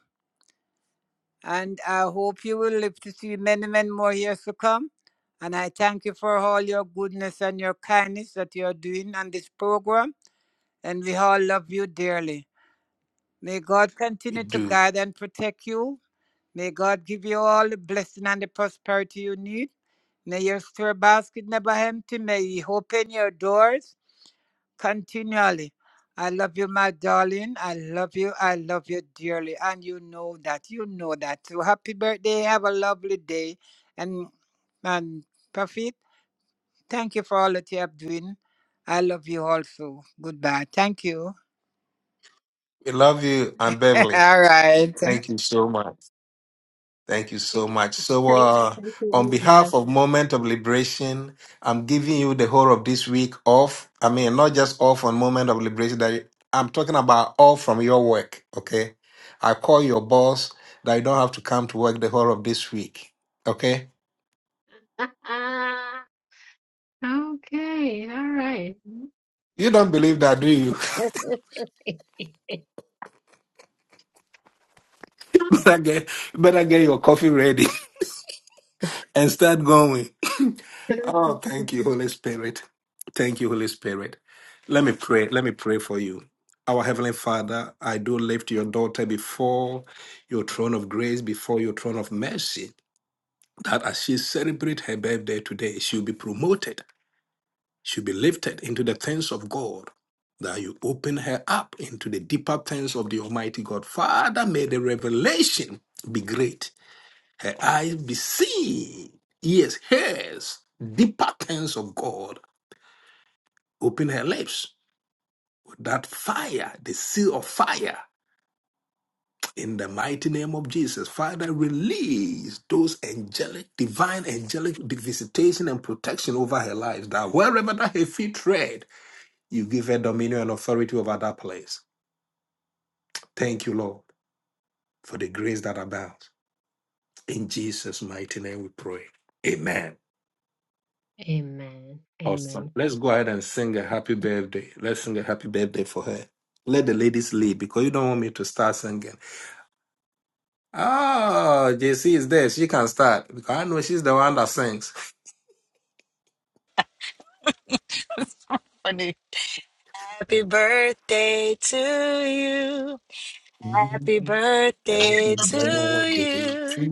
G: And I hope you will live to see many, many more years to come. And I thank you for all your goodness and your kindness that you are doing on this program. And we all love you dearly. May God
B: We
G: continue to
B: do.
G: guide and protect you. May God give you all the blessing and the prosperity you need. May your store basket never empty. May He open your doors continually. I love you, my darling. I love you. I love you dearly. And you know that. You know that. So happy birthday. Have a lovely day. And and Prophet, thank you for all that you have doing. I love you also. Goodbye. Thank you.
B: We love you, Aunt Beverly.
G: all right.
B: Thank you so much. Thank you so
A: Thank you,
B: much.
A: thank
B: So,
A: you,
B: uh,
A: thank you,
B: on
A: Aunt
B: behalf of Moment of Liberation, I'm giving you the whole of this week off. I mean, not just off on Moment of Liberation. That you- I'm talking about off from your work. Okay, I call your boss that you don't have to come to work the whole of this week. Okay,
A: Beth. okay, all right.
B: you don't believe that, do you? better get better get your coffee ready and start going. Oh, thank you, Holy Spirit. Thank you, Holy Spirit. Let me pray. Let me pray for you. Our Heavenly Father, I do lift your daughter before your throne of grace, before your throne of mercy, that as she celebrates her birthday today, she'll be promoted, she'll be lifted into the things of God, that you open her up into the deeper things of the Almighty God. Father, may the revelation be great, her eyes be seen, ears, hairs, deeper things of God Open her lips with that fire, the seal of fire. In the mighty name of Jesus, Father, release those angelic, divine angelic visitation and protection over her life. That wherever that her feet tread, you give her dominion and authority over that place. Thank you, Lord, for the grace that abounds. In Jesus' mighty name we pray. Amen.
A: Amen. Amen.
B: Let's go ahead and sing a happy birthday. Let's sing a happy birthday for her. Let the ladies lead because you don't want me to start singing. Oh, JC is there. She can start because I know she's the one that sings.
E: Funny. Happy birthday to you. Happy
B: Happy
E: birthday to
B: birthday to
E: you.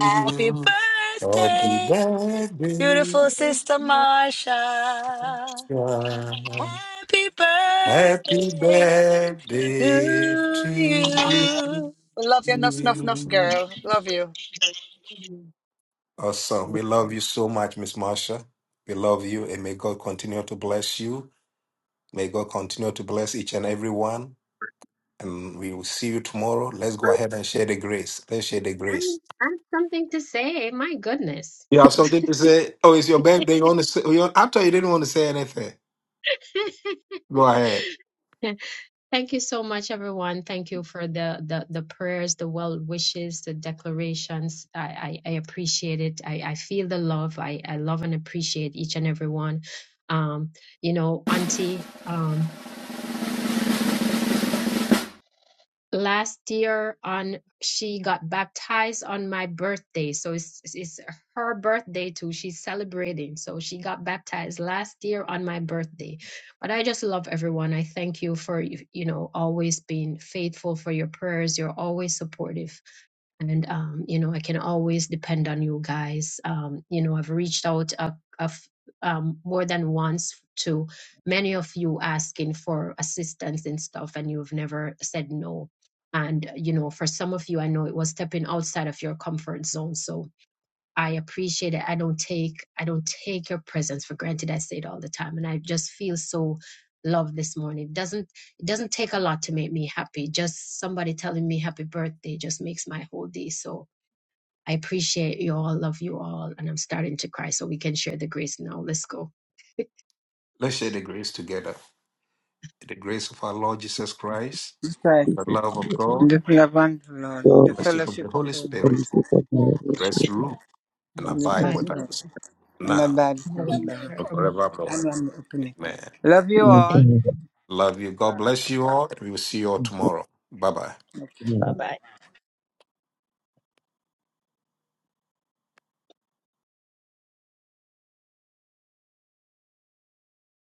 E: Happy
B: Happy
E: birthday,
B: birthday,
E: beautiful sister Marsha.
B: child.
E: Happy
B: Happy
E: birthday
B: birthday
E: to
B: to
E: you. Love you enough, enough, enough,
B: you.
E: girl. Love you.
B: Awesome. We love you so much, Miss Marsha. We love you and may God continue to bless you. May God continue to bless each and every one. and we will see you tomorrow. Let's go ahead and share the grace. Let's share the
A: I,
B: grace.
A: I have something to say. My goodness.
B: You have something to say? Oh, it's your birthday. You want to say? You, after you didn't want to say anything, go ahead.
A: Thank you so much, everyone. Thank you for the the, the prayers, the well wishes, the declarations. I, I, I appreciate it. I, I feel the love. I, I love and appreciate each and every one. Um, you know, Auntie. Um, last year on she got baptized on my birthday so it's it's her birthday too she's celebrating so she got baptized last year on my birthday but i just love everyone i thank you for you you know always being faithful for your prayers you're always supportive and um, you know i can always depend on you guys um, you know i've reached out a, a f- um, more than once to many of you asking for assistance and stuff and you've never said no and, uh, you know, for some of you, I know it was stepping outside of your comfort zone. So I appreciate it. I don't take, I don't take your presence for granted. I say it all the time. And I just feel so loved this morning. It doesn't, it doesn't take a lot to make me happy. Just somebody telling me happy birthday just makes my whole day. So I appreciate you all. Love you all. And I'm starting to cry so we can share the grace now. Let's go.
B: Let's share the grace together. The grace of our Lord Jesus Christ,
G: That's right.
H: So,
B: the love of God,
G: The love and the Lord,
H: when
G: the
B: fellowship of the
G: fellowship of
B: Holy
G: the Lord,
H: you
B: Spirit, rest, rule, and
G: with
B: abide
A: Father,
G: us
H: um,
B: with
A: the
G: all,
B: us
G: and
B: now
G: abide with
A: Holy
G: us all.
A: Spirit,
B: and
A: from-
G: I'm
B: forevermore.
G: gonna open it.
B: Amen.
G: Love you all.
H: mm,
A: Amen.
B: Love you. God
G: Bye.
B: bless you all. We will see you all tomorrow. Bye bye.
G: Okay.
H: mm,
A: Bye bye.